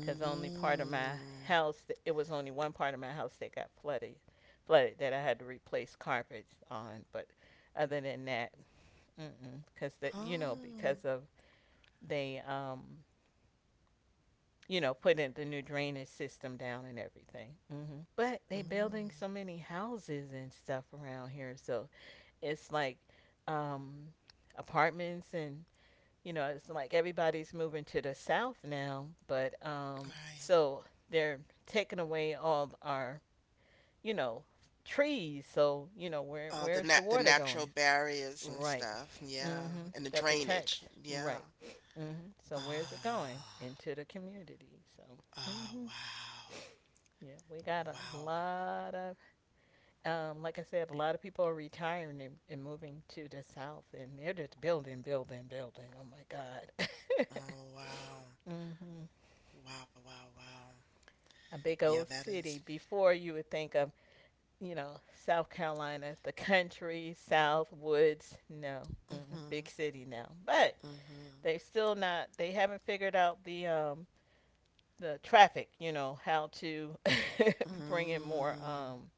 S2: because only part of my house, it was only one part of my house that got flooded that I had to replace carpets on. But other than that, because the, you know,
S1: Oh.
S2: because of, they you know, put in the new drainage system down and everything. Hmm. But they building
S1: Mm.
S2: so many houses and stuff around here, so it's like um apartments and, you know, it's like everybody's moving to the south now, but
S1: Right.
S2: so they're taking away all our, you know, trees. So you know, where
S1: Uh, the
S2: where's the
S1: nat the
S2: water going?
S1: natural barriers and
S2: Right.
S1: stuff, yeah,
S2: Mm-hmm.
S1: and the
S2: That
S1: drainage,
S2: protects.
S1: yeah.
S2: Right. Mm-hmm. So where's it going?
S1: Oh,
S2: Into the community. So.
S1: oh,
S2: Mm-hmm.
S1: wow.
S2: Yeah, we got a
S1: Wow.
S2: lot of, like I said, a lot of people are retiring and, moving to the south, and they're just building, building, building. Oh my God.
S1: Oh, wow.
S2: Mm-hmm.
S1: Wow, wow, wow.
S2: A big
S1: Yeah,
S2: old
S1: that is.
S2: city. Before, you would think of, you know, South Carolina, the country, South woods. No, mm,
S1: Mm-hmm.
S2: big city now, but
S1: Mm-hmm.
S2: they still not. They haven't figured out the traffic. You know how to bring in more.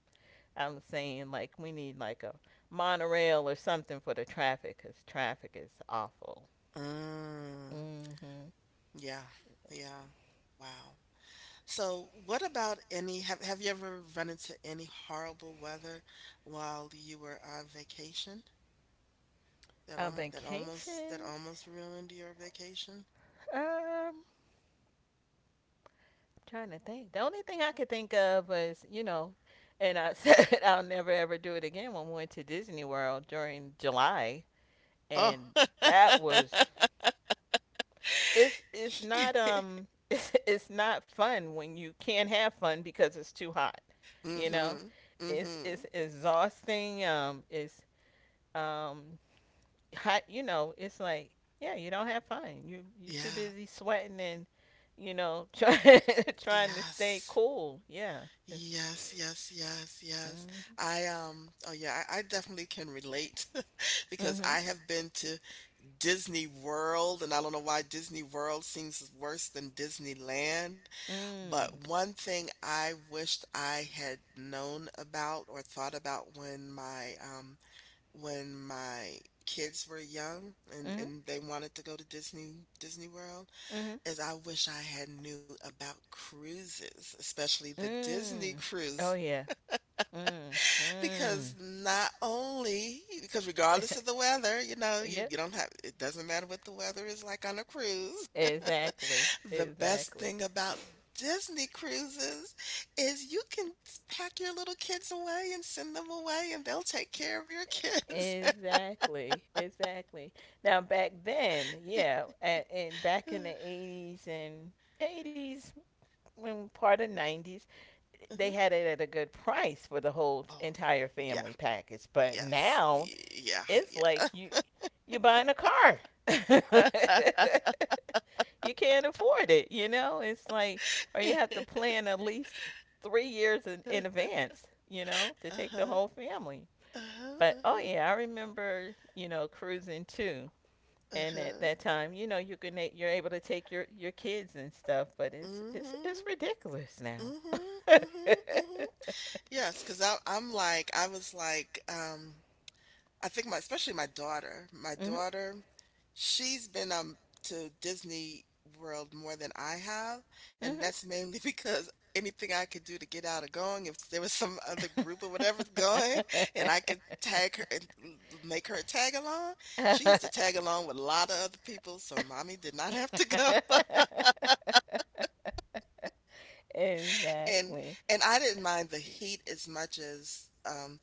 S2: I'm saying like we need like a monorail or something for the traffic, because traffic is awful.
S1: Mm. Mm.
S2: Mm-hmm.
S1: Yeah. Yeah. Wow. So, what about any have you ever run into any horrible weather while you were on vacation? That
S2: On
S1: almost that almost that
S2: vacation,
S1: almost ruined your vacation?
S2: um, trying to think. The only thing I could think of was, you know, and I said I'll never ever do it again when we went to Disney World during July,
S1: Oh.
S2: and that was, it's not it's not fun when you can't have fun because it's too hot, you know.
S1: Mhm.
S2: It's
S1: Mhm.
S2: exhausting. It's um hot. You know, it's like yeah, you don't have fun. You're too
S1: Yeah.
S2: busy sweating and you know trying trying to stay
S1: Yes.
S2: cool. Yeah, it's
S1: Yes, yes, yes, yes.
S2: mm,
S1: I oh yeah, I definitely can relate because
S2: mhm,
S1: I have been to Disney World and I don't know why Disney World seems worse than Disneyland, but
S2: mm,
S1: one thing I wished I had known about or thought about when my kids were young and
S2: mhm,
S1: they wanted to go to Disney World
S2: mhm,
S1: is I wish I had knew about cruises, especially the Disney
S2: mm.
S1: cruise,
S2: Oh yeah. Mm,
S1: because
S2: mm.
S1: not only because regardless of the weather, you know, you,
S2: Yep.
S1: you don't have it doesn't matter what the weather is like on a cruise.
S2: Exactly.
S1: The best
S2: Exactly.
S1: thing about Disney cruises is you can pack your little kids away and send them away and they'll take care of your kids.
S2: Exactly. Exactly. Now back then, yeah, and back in the eighties and eighties, when part of nineties, they
S1: Mhm.
S2: had it at a good price for the whole
S1: Oh,
S2: entire
S1: yeah.
S2: family package. But
S1: Yes.
S2: now
S1: Y yeah,
S2: it's like you're buying a car.
S1: yeah.
S2: You can't afford it, you know? It's like, or you have to plan at least 3 years in advance, you know, to take the
S1: Uh-huh,
S2: whole family.
S1: uh-huh,
S2: But oh
S1: uh-huh,
S2: yeah, I remember, you know, cruising too. And at
S1: uh-huh.
S2: that time, you know, you're able to take your kids and stuff, but it's it's
S1: Mhm,
S2: it's ridiculous now.
S1: mhm, mhm, mhm. Yes, because I was like, I think my daughter. My
S2: Mhm.
S1: daughter, she's been, to Disney World more than I have, and
S2: Mhm.
S1: that's mainly because anything I could do to get out of going, if there was some other group or whatever's going, and I could tag her and l make her tag along, she used to tag along with a lot of other people, so mommy did not have to go. And
S2: exactly.
S1: and I didn't mind the heat as much as,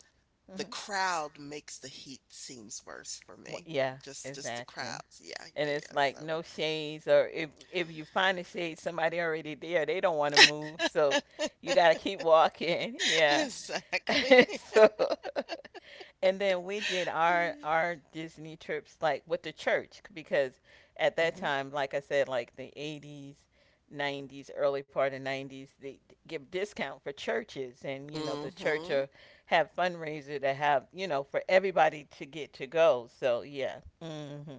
S1: the
S2: Hmm.
S1: crowd makes the heat seems worse for me.
S2: Yeah,
S1: Just the
S2: exactly.
S1: crowds. Yeah,
S2: And it's
S1: yeah,
S2: like no shades, or if you find a shade, somebody already there. They don't want to move, so you gotta
S1: yeah.
S2: keep walking. Yeah.
S1: So exactly.
S2: So, and then we did our Disney trips like with the church, because at that
S1: Mhm.
S2: time, like I said, like the eighties, nineties, early part of nineties, give discount for churches, and you know the church will
S1: Mhm.
S2: have fundraiser to have, you know, for everybody to get to go. So yeah, hmm,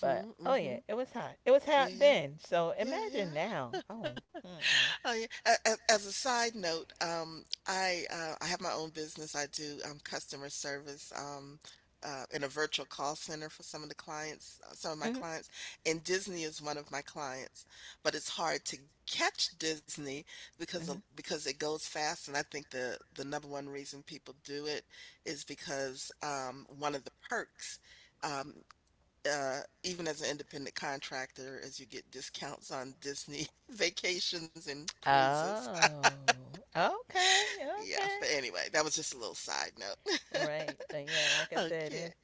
S2: but oh yeah,
S1: Mhm.
S2: it was hot. It was hot
S1: Yeah, yeah.
S2: then. So
S1: Yeah,
S2: imagine
S1: yeah.
S2: now. Oh, mm-mm.
S1: Oh yeah. As a side note, I have my own business. I do customer service in a virtual call center for some of the clients, some of my clients, and Disney is one of my clients. But it's hard to catch Disney
S2: Hmm. Hmm.
S1: because it goes fast, and I think the number one reason people do it is because one of the perks. Um, Even as an independent contractor, as you get discounts on Disney vacations and cruises.
S2: Oh, okay,
S1: Yeah,
S2: okay.
S1: but anyway, that was just a little side note.
S2: Right. But yeah, like I said,
S1: Okay.
S2: it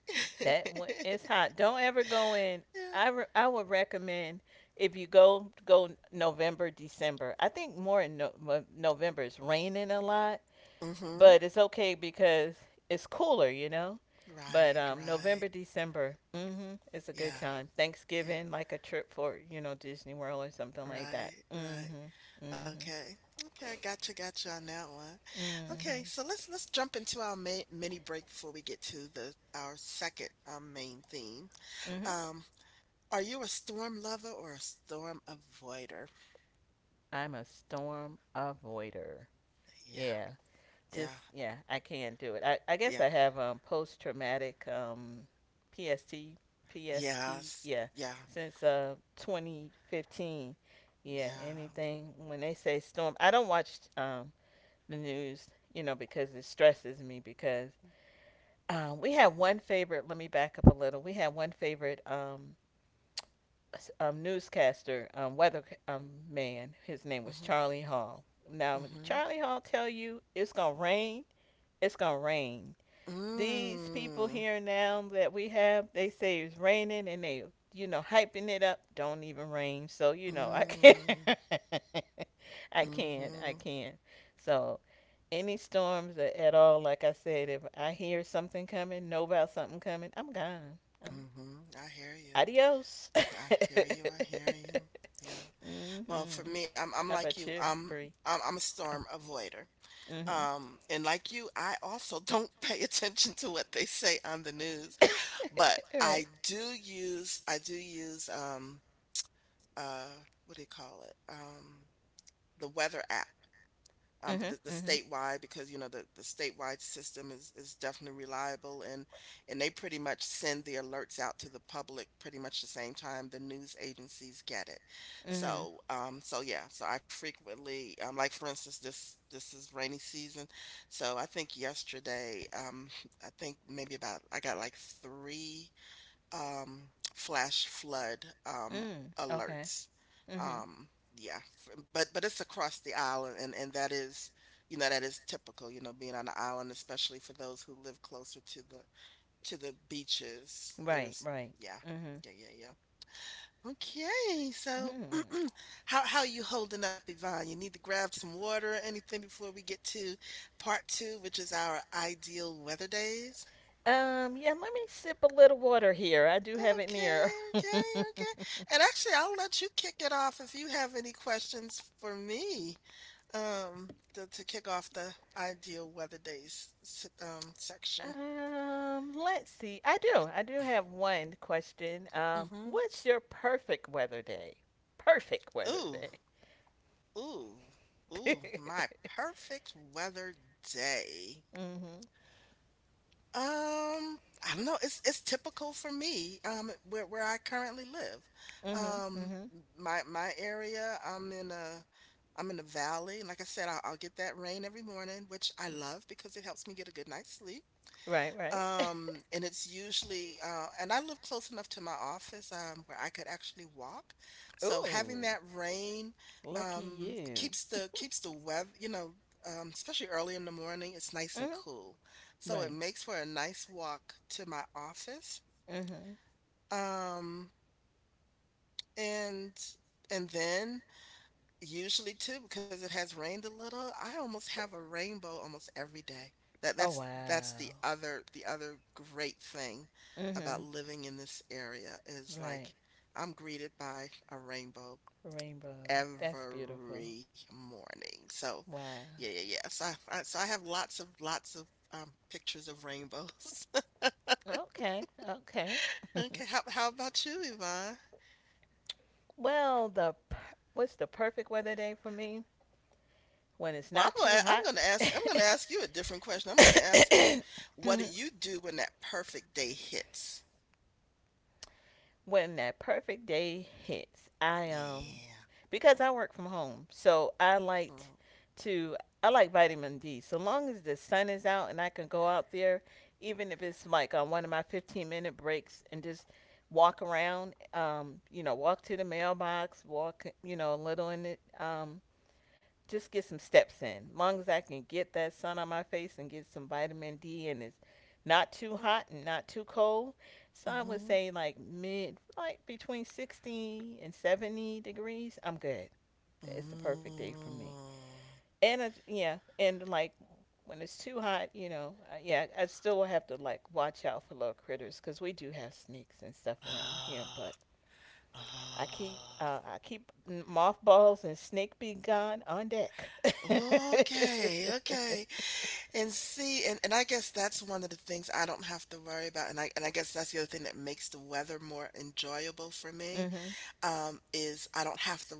S2: that one, it's hot. Don't ever go in.
S1: Yeah.
S2: I would recommend if you go, go November, December. I think more in, no, well, November it's raining a lot,
S1: Mm-hmm.
S2: but it's okay because it's cooler, you know. But
S1: Right,
S2: um,
S1: right.
S2: November, December, mhm, it's a good
S1: Yeah,
S2: time.
S1: yeah.
S2: Thanksgiving, like a trip for, you know, Disney World or something like that.
S1: Right,
S2: Mhm.
S1: right.
S2: Mhm.
S1: Okay. Okay, I gotcha, gotcha on that one. Okay,
S2: Mhm.
S1: so let's jump into our ma mini break before we get to the our second main theme.
S2: Mhm.
S1: Um, Are you a storm lover or a storm avoider?
S2: I'm a storm avoider.
S1: Yeah,
S2: Yeah,
S1: yeah,
S2: just yeah, I can do it. I guess
S1: yeah,
S2: I have post traumatic PST PST,
S1: yes,
S2: yeah,
S1: yeah,
S2: since 2015. Yeah,
S1: yeah.
S2: anything when they say storm, I don't watch the news, you know, because it stresses me. Because we had one favorite. Let me back up a little. We had one favorite newscaster, weather man. His name was
S1: Mm-hmm,
S2: Charlie Hall. Now, if
S1: mm-hmm.
S2: Charlie Hall tell you it's gonna rain, it's gonna rain. These people
S1: Mm,
S2: here now that we have, they say it's raining and they, you know, hyping it up. Don't even rain. So, you know, I can't.
S1: mm,
S2: I can. Not
S1: mm-hmm,
S2: I can. Not so, any storms at all, like I said, if I hear something coming, know about something coming, I'm gone. I'm,
S1: mm-hmm. I hear you.
S2: adios.
S1: I hear you. I hear you. Yeah. Well, for
S2: Hmm.
S1: me, I'm
S2: How
S1: like
S2: about
S1: you.
S2: you,
S1: I'm
S2: Bree?
S1: I'm, I'm a
S2: Oh,
S1: storm avoider.
S2: mm-hmm.
S1: And like you, I also don't pay attention to what they say on the news, but
S2: right.
S1: I do use uh, what do you call it? The weather app, for
S2: Mm-hmm.
S1: the
S2: Mm-hmm.
S1: statewide because you know the statewide system is definitely reliable and they pretty much send the alerts out to the public pretty much the same time the news agencies get it.
S2: Mm-hmm.
S1: So so yeah, so I frequently like for instance this is rainy season, so I think yesterday I think maybe about I got like three um flash flood um
S2: Mm. Okay.
S1: alerts
S2: Mm-hmm.
S1: um yeah but it's across the island and that is you know that is typical you know being on the island, especially for those who live closer to the beaches.
S2: Right,
S1: There's
S2: right.
S1: yeah
S2: Mm-hmm.
S1: yeah yeah yeah okay so
S2: Hmm.
S1: how you holding up, Yvonne? You need to grab some water or anything before we get to part two, which is our ideal weather days?
S2: Yeah, let me sip a little water here. I do have it
S1: Okay,
S2: near.
S1: okay, okay. And actually, I'll let you kick it off if you have any questions for me, um, to kick off the ideal weather days section.
S2: Let's see. I do. I do have one question.
S1: Hmm.
S2: What's your perfect weather day? Perfect weather
S1: Ooh,
S2: day.
S1: ooh, ooh, my perfect weather day.
S2: Mhm.
S1: Um, I don't know. It's typical for me, where I currently live.
S2: Mhm.
S1: Um,
S2: Mhm.
S1: my area, I'm in a valley. And like I said, I'll get that rain every morning, which I love because it helps me get a good night's sleep.
S2: Right, right.
S1: And it's usually, and I live close enough to my office, where I could actually walk. So
S2: Ooh,
S1: having that rain,
S2: lucky you.
S1: keeps the weather, you know, especially early in the morning, it's nice and
S2: Mhm.
S1: cool. So it
S2: Right.
S1: makes for a nice walk to my office.
S2: Mhm.
S1: Um, and and then usually too, because it has rained a little. I almost have a rainbow almost every day. That
S2: Oh,
S1: that's
S2: wow.
S1: that's the other the other great thing about
S2: Mhm.
S1: living in this area is
S2: Right.
S1: like I'm greeted by a rainbow
S2: Rainbow. That's beautiful.
S1: every morning. So
S2: Wow.
S1: yeah, yeah, yeah. So I have lots of pictures of rainbows.
S2: Okay, okay.
S1: Okay, how about you, Yvonne?
S2: Well, what's the perfect weather day for me? When it's
S1: Well, I'm
S2: not
S1: gonna
S2: too
S1: I'm
S2: hot.
S1: gonna ask I'm gonna ask you a different question. I'm gonna ask you, what do you do when that perfect day hits?
S2: When that perfect day hits, I
S1: Yeah.
S2: because I work from home, so I
S1: Mm,
S2: liked to, I like vitamin D. So long as the sun is out and I can go out there, even if it's like on one of my 15-minute breaks and just walk around, you know, walk to the mailbox, walk, you know, a little in the just get some steps in. As long as I can get that sun on my face and get some vitamin D and it's not too
S1: mm,
S2: hot and not too cold. So I would
S1: mhm,
S2: say like mid, like between 60 and 70 degrees, I'm good. It's the perfect day for me.
S1: mm.
S2: And yeah, and like when it's too hot, you know, yeah, I still will have to like watch out for little critters because we do have snakes and stuff around here,
S1: Ah,
S2: but
S1: ah.
S2: I keep mothballs and snake be gone on deck.
S1: Okay, okay. And see, and I guess that's one of the things I don't have to worry about. And I guess that's the other thing that makes the weather more enjoyable for me.
S2: Mhm.
S1: Is I don't have to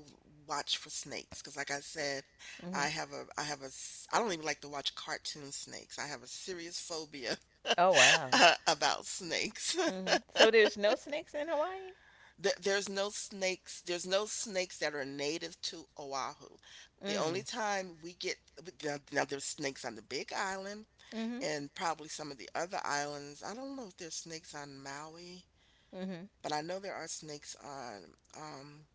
S1: watch for snakes because, like I said,
S2: Mhm.
S1: I have a s- I don't even like to watch cartoon snakes. I have a serious phobia
S2: Oh wow.
S1: about snakes.
S2: Mhm. So there's no snakes in Hawaii.
S1: There's no snakes. There's no snakes that are native to Oahu. The only
S2: Mm.
S1: time we get Now, there's snakes on the Big Island
S2: Mhm.
S1: and probably some of the other islands. I don't know if there's snakes on Maui,
S2: Mhm.
S1: but I know there are snakes on um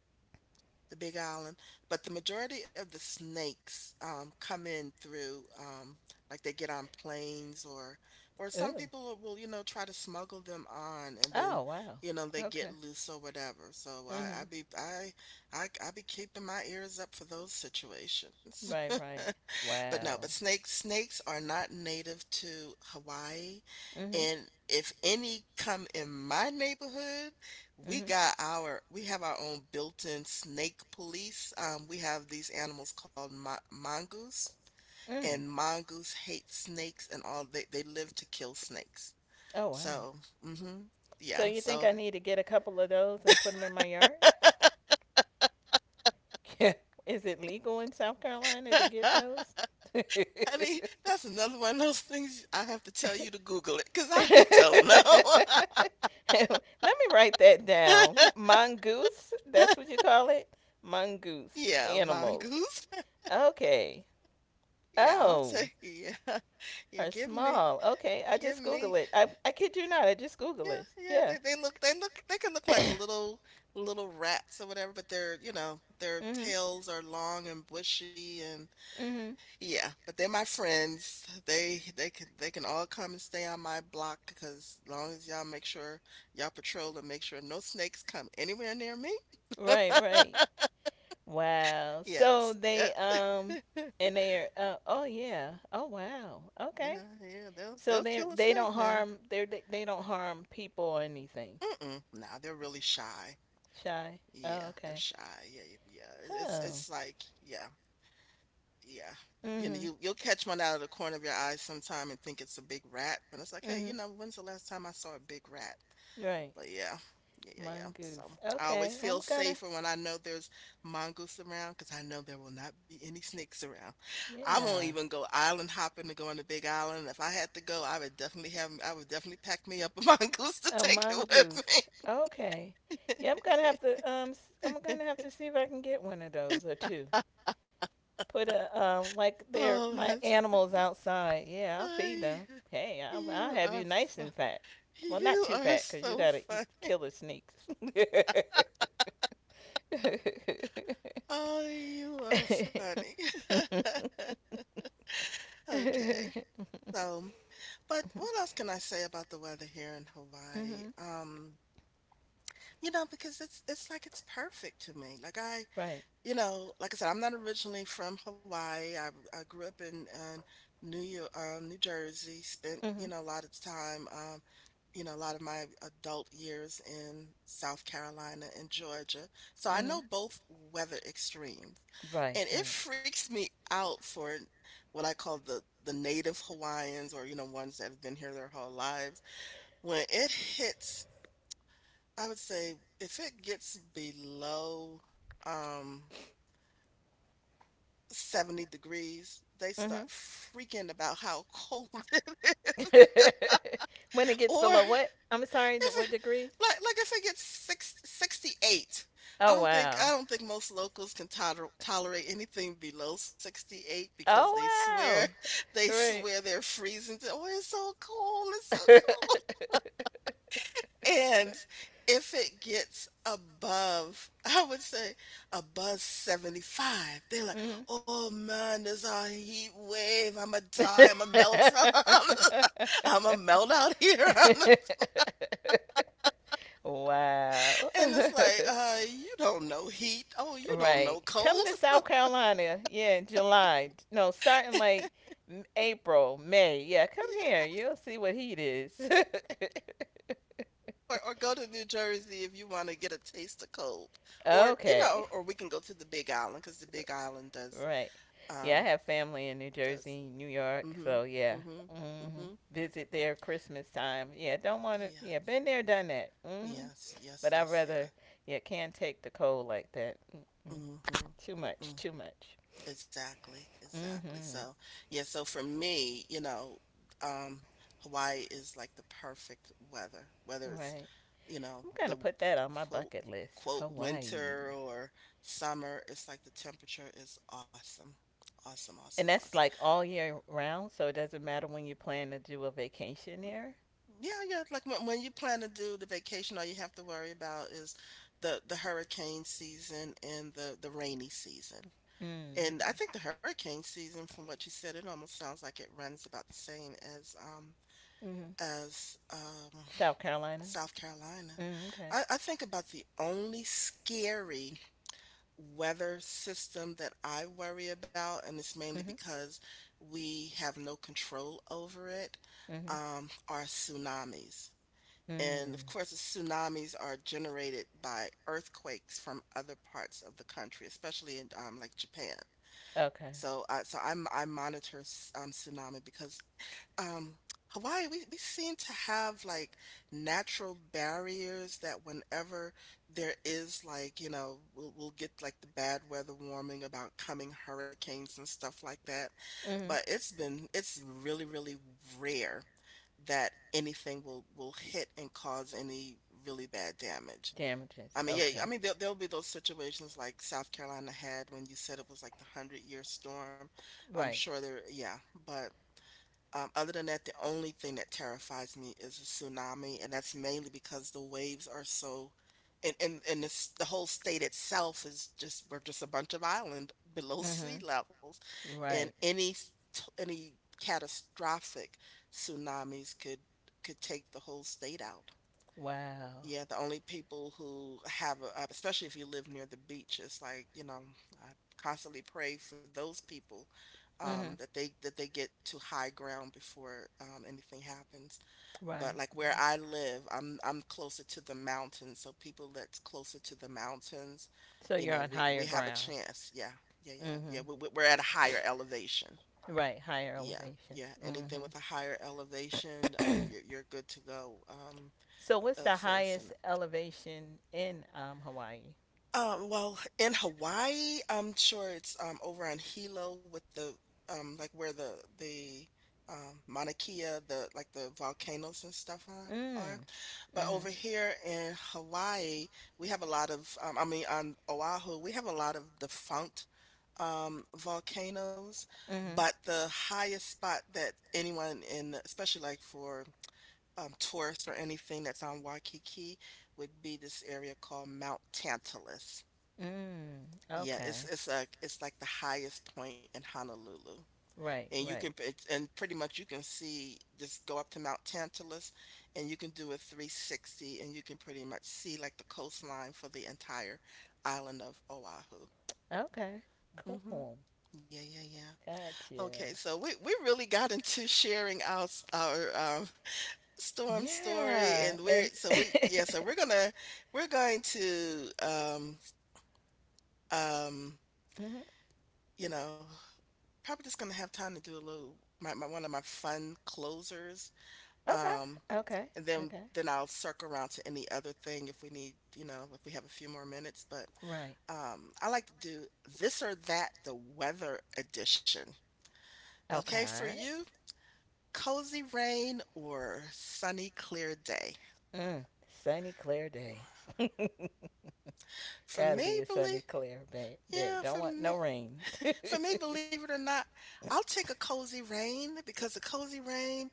S1: the Big Island, but the majority of the snakes come in through like they get on planes or some
S2: Ooh.
S1: people will, you know, try to smuggle them on, and then
S2: Oh wow.
S1: you know they get
S2: Okay.
S1: loose or whatever. So
S2: Mhm.
S1: I be keeping my ears up for those situations.
S2: Right. Right.
S1: But no, but
S2: Wow.
S1: snakes are not native to Hawaii.
S2: Mhm.
S1: And if any come in my neighborhood,
S2: Mhm.
S1: we have our own built-in snake police. We have these animals called mongoose,
S2: Mm.
S1: and mongoose hate snakes, and all they live to kill snakes.
S2: Oh wow.
S1: So, hmm
S2: So
S1: yeah,
S2: you think
S1: so
S2: I need to get a couple of those and put them in my yard? Yeah. Is it legal in South Carolina to get
S1: I
S2: those? Let
S1: mean, that's another one of those things I have to tell you to Google it, because I don't know.
S2: me write that down. Mongoose, that's what you call it? Mongoose
S1: Yeah,
S2: animals.
S1: mongoose.
S2: Okay.
S1: Yeah, I'll
S2: Oh,
S1: take. Yeah, yeah.
S2: are
S1: Give me,
S2: small. Okay, I
S1: give
S2: just
S1: me.
S2: Google it. I kid you not, I just
S1: Yeah,
S2: Google it.
S1: yeah. They
S2: Yeah.
S1: they look they look they can look like little rats or whatever, but they're, you know, their
S2: Mhm.
S1: tails are long and bushy, and
S2: Mhm.
S1: yeah. But they're my friends. They can all come and stay on my block, because as long as y'all make sure y'all patrol and make sure no snakes come anywhere near me.
S2: Right, right. Wow. So
S1: Yes. Yep.
S2: they and they are oh yeah. Oh wow. Okay.
S1: Yeah. Yeah. They'll
S2: So
S1: they'll
S2: they
S1: kill a
S2: they
S1: snake
S2: don't
S1: now.
S2: harm, they don't harm people or anything.
S1: Mm-mm. Nah, they're really shy.
S2: Shy. Oh,
S1: Yeah, they're
S2: okay.
S1: shy. Yeah, yeah. It's
S2: Oh.
S1: it's like yeah, yeah. You know,
S2: Mhm.
S1: you'll catch one out of the corner of your eye sometime and think it's a big rat, but it's like, hey, you
S2: Mhm.
S1: know, when's the last time I saw a big rat?
S2: Right.
S1: But yeah, yeah, yeah, yeah. So
S2: Mongoose.
S1: I always
S2: Okay.
S1: feel
S2: I'm gonna.
S1: safer when I know there's mongoose around, 'cause I know there will not be any snakes around. I won't
S2: Yeah.
S1: even go island hopping to go on the Big Island. If I had to go, I would definitely pack me up a mongoose to
S2: A
S1: take
S2: mongoose.
S1: it
S2: Okay.
S1: with me.
S2: Yeah, I'm gonna have to I'm gonna have to see if I can get one of those or two. Put a like they're
S1: Oh,
S2: my
S1: that's
S2: animals outside. Yeah, I'll feed
S1: I.
S2: them. Hey, I'll
S1: You
S2: have you
S1: are
S2: nice
S1: fu-
S2: and fat. Well, not
S1: You
S2: too
S1: are
S2: fat because you
S1: so
S2: gotta eat
S1: funny.
S2: killer snakes.
S1: Oh, you are funny. Okay. So, but what else can I say about the weather here in Hawaii?
S2: Hmm.
S1: You know, because it's like it's perfect to me.
S2: Right.
S1: You know, like I said, I'm not originally from Hawaii. I grew up in New York, New Jersey. Spent, you
S2: Hmm.
S1: know, a lot of time you know, a lot of my adult years in South Carolina and Georgia. So I
S2: Hmm.
S1: know both weather extremes.
S2: Right.
S1: And it
S2: Right.
S1: freaks me out for what I call the native Hawaiians or, you know, ones that have been here their whole lives. When it hits, I would say if it gets below um 70 degrees, they start
S2: Hmm.
S1: freaking about how cold it is.
S2: When it gets
S1: Or
S2: below what? I'm sorry. The, what
S1: if it,
S2: degrees?
S1: like if it gets 68. i
S2: Oh
S1: don't think i
S2: wow.
S1: don't think most locals can tolerate anything below 68, because
S2: Oh
S1: they swear
S2: wow.
S1: they
S2: Right.
S1: swear they're freezing to, oh it's so cold, it's so cold. And if it gets above I would say above 75, they're like,
S2: Hmm.
S1: oh man, there's a heat wave, i'm gonna die i'm gonna melt I'm gonna melt out here.
S2: Wow.
S1: And it's like, you don't know heat. Oh, you don't
S2: Right.
S1: know
S2: Come
S1: cold.
S2: to South Carolina. Yeah, in July. No, starting like April, May. Yeah, come here.
S1: Yeah.
S2: You'll see what heat is.
S1: Or go to New Jersey if you want to get a taste of cold. Or, you
S2: Okay.
S1: know, or we can go to the Big Island, because the Big Island does,
S2: Right.
S1: um,
S2: Yeah, I have family in New
S1: does.
S2: Jersey, New York,
S1: Mm-hmm.
S2: so yeah.
S1: Mm-hmm.
S2: Hmm.
S1: Mm-hmm.
S2: Visit there Christmas time. Yeah, don't want to. Yeah,
S1: Yes.
S2: been there, done that. Hmm.
S1: Yes. Yes.
S2: But I'd
S1: Yes. Yeah.
S2: rather. Yeah, can't take the cold like that. Mm-mm.
S1: Mm-hmm.
S2: Too
S1: Mm-hmm.
S2: much. Too much.
S1: Exactly, exactly.
S2: Hmm.
S1: So, yeah, so for me, you know, um, Hawaii is like the perfect weather, whether it's,
S2: Right.
S1: you know,
S2: I'm
S1: the
S2: gonna put that on my
S1: quote
S2: bucket list.
S1: quote
S2: Hawaii.
S1: winter or summer, it's like the temperature is awesome. Awesome, awesome,
S2: And
S1: awesome.
S2: that's like all year round, so it doesn't matter when you plan to do a vacation there.
S1: Yeah, yeah, like when you plan to do the vacation, all you have to worry about is the hurricane season and the rainy season. And I
S2: Mm-hmm.
S1: think the hurricane season, from what you said, it almost sounds like it runs about the same as
S2: Mm-hmm.
S1: as um
S2: South Carolina.
S1: South Carolina.
S2: Mm, okay.
S1: I think about the only scary weather system that I worry about, and it's mainly
S2: Mm-hmm.
S1: because we have no control over it,
S2: Mm-hmm.
S1: are tsunamis. And of
S2: Mm.
S1: course, the tsunamis are generated by earthquakes from other parts of the country, especially in like Japan.
S2: Okay.
S1: So, I so I'm I monitor s tsunami because, um, Hawaii, we seem to have, like, natural barriers that whenever there is, like, you know, we'll get, like, the bad weather warning about coming hurricanes and stuff like that, but
S2: Mhm.
S1: it's really, really rare that anything will hit and cause any really bad damage.
S2: Damages.
S1: I mean, yeah, I
S2: Okay.
S1: mean, there'll be those situations like South Carolina had when you said it was like the hundred-year storm. I'm
S2: Right.
S1: sure there, yeah. But other than that, the only thing that terrifies me is a tsunami, and that's mainly because the waves are so, and the whole state itself is just we're just a bunch of island below sea
S2: Mhm.
S1: levels, and
S2: Right.
S1: any catastrophic tsunamis could take the whole state out.
S2: Wow.
S1: Yeah, the only people who have a, especially if you live near the beach, it's like, you know, I constantly pray for those people
S2: Mhm.
S1: that they get to high ground before anything happens.
S2: Right.
S1: But like where I live, I'm closer to the mountains, so people that's closer to the mountains,
S2: So
S1: you
S2: you're
S1: know,
S2: on higher
S1: we have a
S2: ground.
S1: chance. Yeah, yeah, yeah, yeah.
S2: Mhm.
S1: We're at a higher elevation.
S2: Right. Higher
S1: Yeah,
S2: elevation.
S1: yeah. Anything
S2: Mhm.
S1: with a higher elevation, you're good to go
S2: So what's the
S1: for us
S2: highest elevation in Hawaii?
S1: Well, in Hawaii, I'm sure it's over on Hilo with the like where the Mauna Kea, the like the volcanoes and stuff are, are.
S2: Mm.
S1: But
S2: Mhm.
S1: over here in Hawaii, we have a lot of I mean on Oahu, we have a lot of defunct volcanoes,
S2: Mhm.
S1: but the highest spot that anyone in especially like for tourists or anything that's on Waikiki would be this area called Mount Tantalus.
S2: Mm.
S1: Yeah,
S2: Okay.
S1: it's like the highest point in Honolulu.
S2: Right.
S1: And you can
S2: Right.
S1: it's- and pretty much you can see, just go up to Mount Tantalus and you can do a 360 and you can pretty much see like the coastline for the entire island of Oahu.
S2: Okay.
S1: hmm
S2: Cool.
S1: Yeah, yeah, yeah. Okay,
S2: Gotcha.
S1: so we really got into sharing our storm story,
S2: Yeah.
S1: and we're
S2: It's
S1: so we yeah, so we're gonna we're going to um
S2: mhm.
S1: you know probably just gonna have time to do a little my, my one of my fun closers.
S2: Okay.
S1: Um,
S2: Okay.
S1: and
S2: Okay.
S1: then I'll circle around to any other thing if we need, you know, if we have a few more minutes. But
S2: Right.
S1: I like to do this or that, the weather edition. Okay, for
S2: Okay.
S1: you, cozy rain or sunny clear day.
S2: Mm. Sunny, clear day.
S1: For
S2: Gotta
S1: me,
S2: be a sunny,
S1: believe
S2: day.
S1: yeah,
S2: Don't
S1: for
S2: want
S1: me,
S2: no rain. Mm.
S1: For me, believe it or not, I'll take a cozy rain because a cozy rain,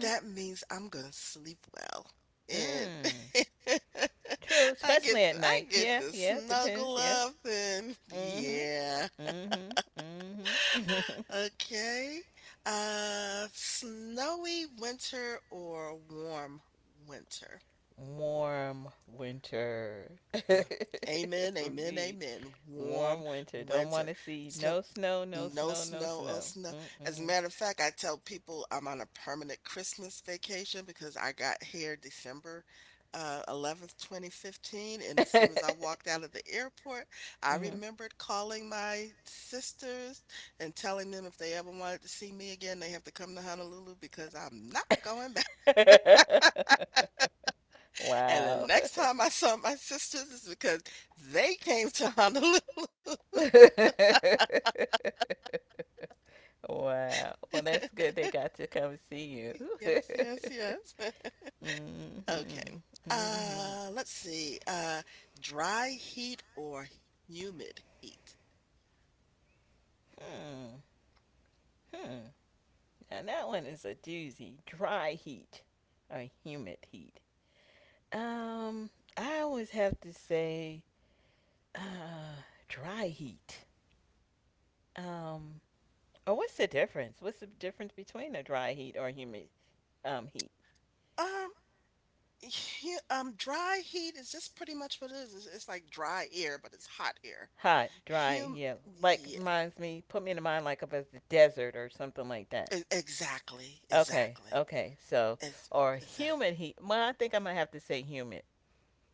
S1: that means I'm gonna sleep well. And
S2: Mm. True, especially at
S1: I
S2: night.
S1: get
S2: Yeah,
S1: the
S2: yeah. Depends.
S1: snuggle
S2: Yeah.
S1: up and
S2: Mm-hmm.
S1: yeah.
S2: Mm-hmm. Mm-hmm.
S1: Okay. Uh, snowy winter or warm winter.
S2: Warm winter.
S1: Uh,
S2: It
S1: Amen,
S2: would
S1: amen,
S2: be
S1: amen. Warm
S2: warm winter. Don't want
S1: winter.
S2: to see
S1: Snow
S2: no snow, no
S1: No
S2: snow, no
S1: snow, oh
S2: snow.
S1: snow. As a
S2: Mm-mm.
S1: matter of fact, I tell people I'm on a permanent Christmas vacation because I got here December 11th, 2015. And as soon as I walked out of the airport, I
S2: Mm-hmm.
S1: remembered calling my sisters and telling them if they ever wanted to see me again, they have to come to Honolulu because I'm not going back. And the
S2: Wow.
S1: next time I saw my sisters is because they came to Honolulu.
S2: Wow. Well, that's good they got to come see you.
S1: Yes, yes, yes.
S2: Mm-hmm.
S1: Okay.
S2: Mm-hmm.
S1: Let's see. Dry heat or humid heat?
S2: Hmm. Hmm. Now, that one is a doozy. Dry heat or humid heat. Um, I always have to say, uh, dry heat. Um, Oh, what's the difference? What's the difference between a dry heat or humid heat?
S1: Um, dry heat is just pretty much what it is. It's like dry air, but it's hot air.
S2: Hot, dry,
S1: Hum,
S2: yeah. Like
S1: yeah.
S2: reminds me, put me in the mind like of a desert or something like that.
S1: Exactly.
S2: Okay,
S1: Exactly.
S2: okay. So,
S1: It's
S2: or
S1: exactly.
S2: humid heat. Well, I think I'm gonna have to say humid.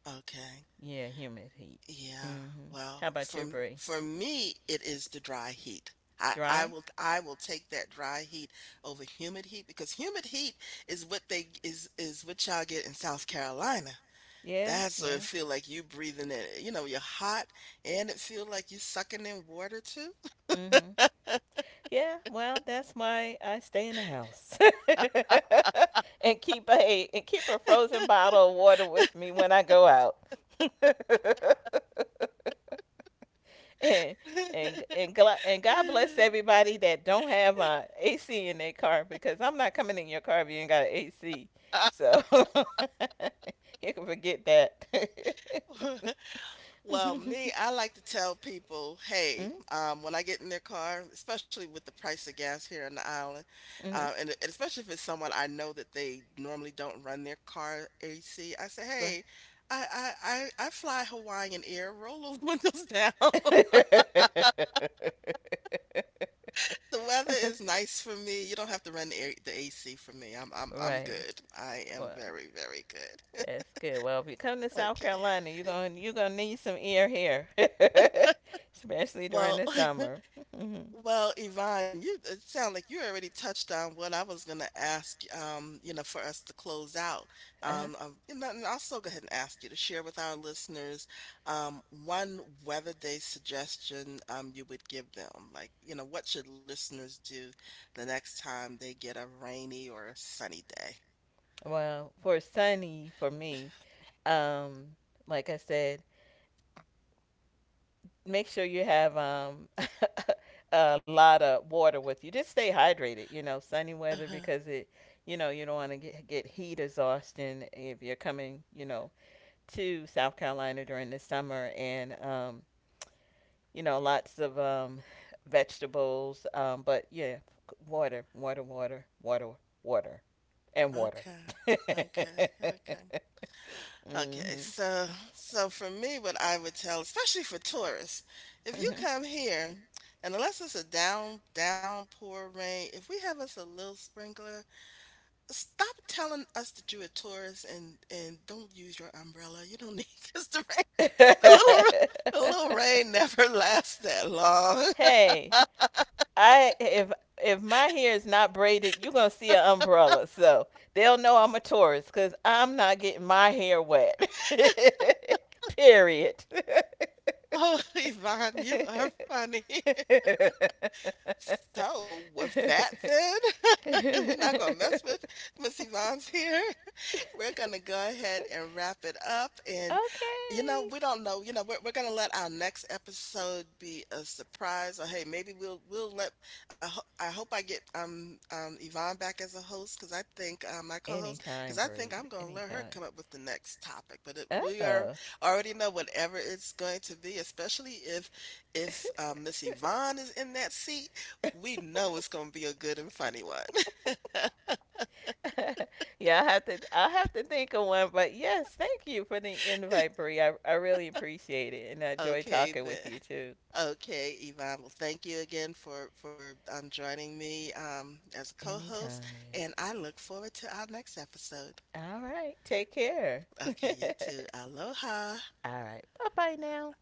S1: Okay.
S2: Yeah, humid heat.
S1: Yeah,
S2: Mhm. How
S1: well,
S2: about you, Bree?
S1: for me, it is the dry heat.
S2: Dry?
S1: I will take that dry heat over humid heat because humid heat is what they is what y'all get in South Carolina.
S2: Yeah,
S1: That's what
S2: yeah.
S1: it feel like you breathing in. You know, you're hot and it feel like you sucking in water too.
S2: Mhm. Yeah, well, that's why I stay in the house and keep a, frozen bottle of water with me when I go out. and and God bless everybody that don't have AC in their car, because I'm not coming in your car if you ain't got an AC. So you can forget that.
S1: Well,
S2: Mm-hmm.
S1: me, I like to tell people, hey, when I get in their car, especially with the price of gas here on the island,
S2: Mm-hmm.
S1: and especially if it's someone I know that they normally don't run their car AC, I say,
S2: Right.
S1: hey, I, I, I fly Hawaiian Air, roll those windows down. The weather is nice for me. You don't have to run the AC for me. I'm
S2: Right.
S1: good. I am
S2: Well,
S1: very, very good.
S2: that's good. Well, if you come to South
S1: Okay.
S2: Carolina, you're going to, you're going to need some ear hair, especially during
S1: Well,
S2: the summer. Mhm.
S1: well, Yvonne, you, it sound like you already touched on what I was gonna ask, you know, for us to close out.
S2: Uh-huh.
S1: Um, and then I'll still go ahead and ask you to share with our listeners, one weather day suggestion, you would give them. Like, you know, what should listeners do the next time they get a rainy or a sunny day?
S2: Well, for sunny for me, um like I said, make sure you have a lot of water with you. Just stay hydrated, you know, sunny weather
S1: Uh-huh.
S2: because it, you know, you don't want to get heat exhaustion if you're coming, you know, to South Carolina during the summer, and you know, lots of vegetables. But yeah, water, water, water, water, water, and water.
S1: Okay. Okay. Okay. Okay,
S2: Mhm.
S1: so so for me, what I would tell, especially for tourists, if you come here, and unless it's a downpour rain, if we have us a little sprinkler, stop telling us that you're a tourist, and don't use your umbrella. You don't need this the rain,
S2: Mhm.
S1: the little ra- the little rain never lasts that long.
S2: Hey, I if my hair is not braided, you're gonna see an umbrella. So they'll know I'm a tourist because I'm not getting my hair wet. Period.
S1: Oh, Yvonne, you are funny. So with that, then we're not gonna
S2: Okay.
S1: mess with Miss Yvonne's here. We're going to go ahead and wrap it up. And, you know, we don't know, you know, we're going to let our next episode be a surprise. Or, hey, maybe we'll let, I hope I get, um, Yvonne back as a host. Cause I think, my co-host, cause
S2: Anytime,
S1: I think
S2: Bree.
S1: I'm going to let her
S2: Anytime.
S1: come up with the next topic, but it, we are
S2: Oh.
S1: already know whatever it's going to be, especially if, Miss Yvonne is in that seat, we know it's going to be a good and funny one.
S2: Yeah, I have to. I have to think of one. But yes, thank you for the invite, Bree. I really appreciate it, and I enjoy
S1: Okay,
S2: talking with
S1: then.
S2: you too.
S1: Okay, Yvonne. Well, thank you again for joining me as a co-host,
S2: Anytime.
S1: and I look forward to our next episode.
S2: All right. Take care. All
S1: Okay, you too. Aloha.
S2: right. Bye bye now.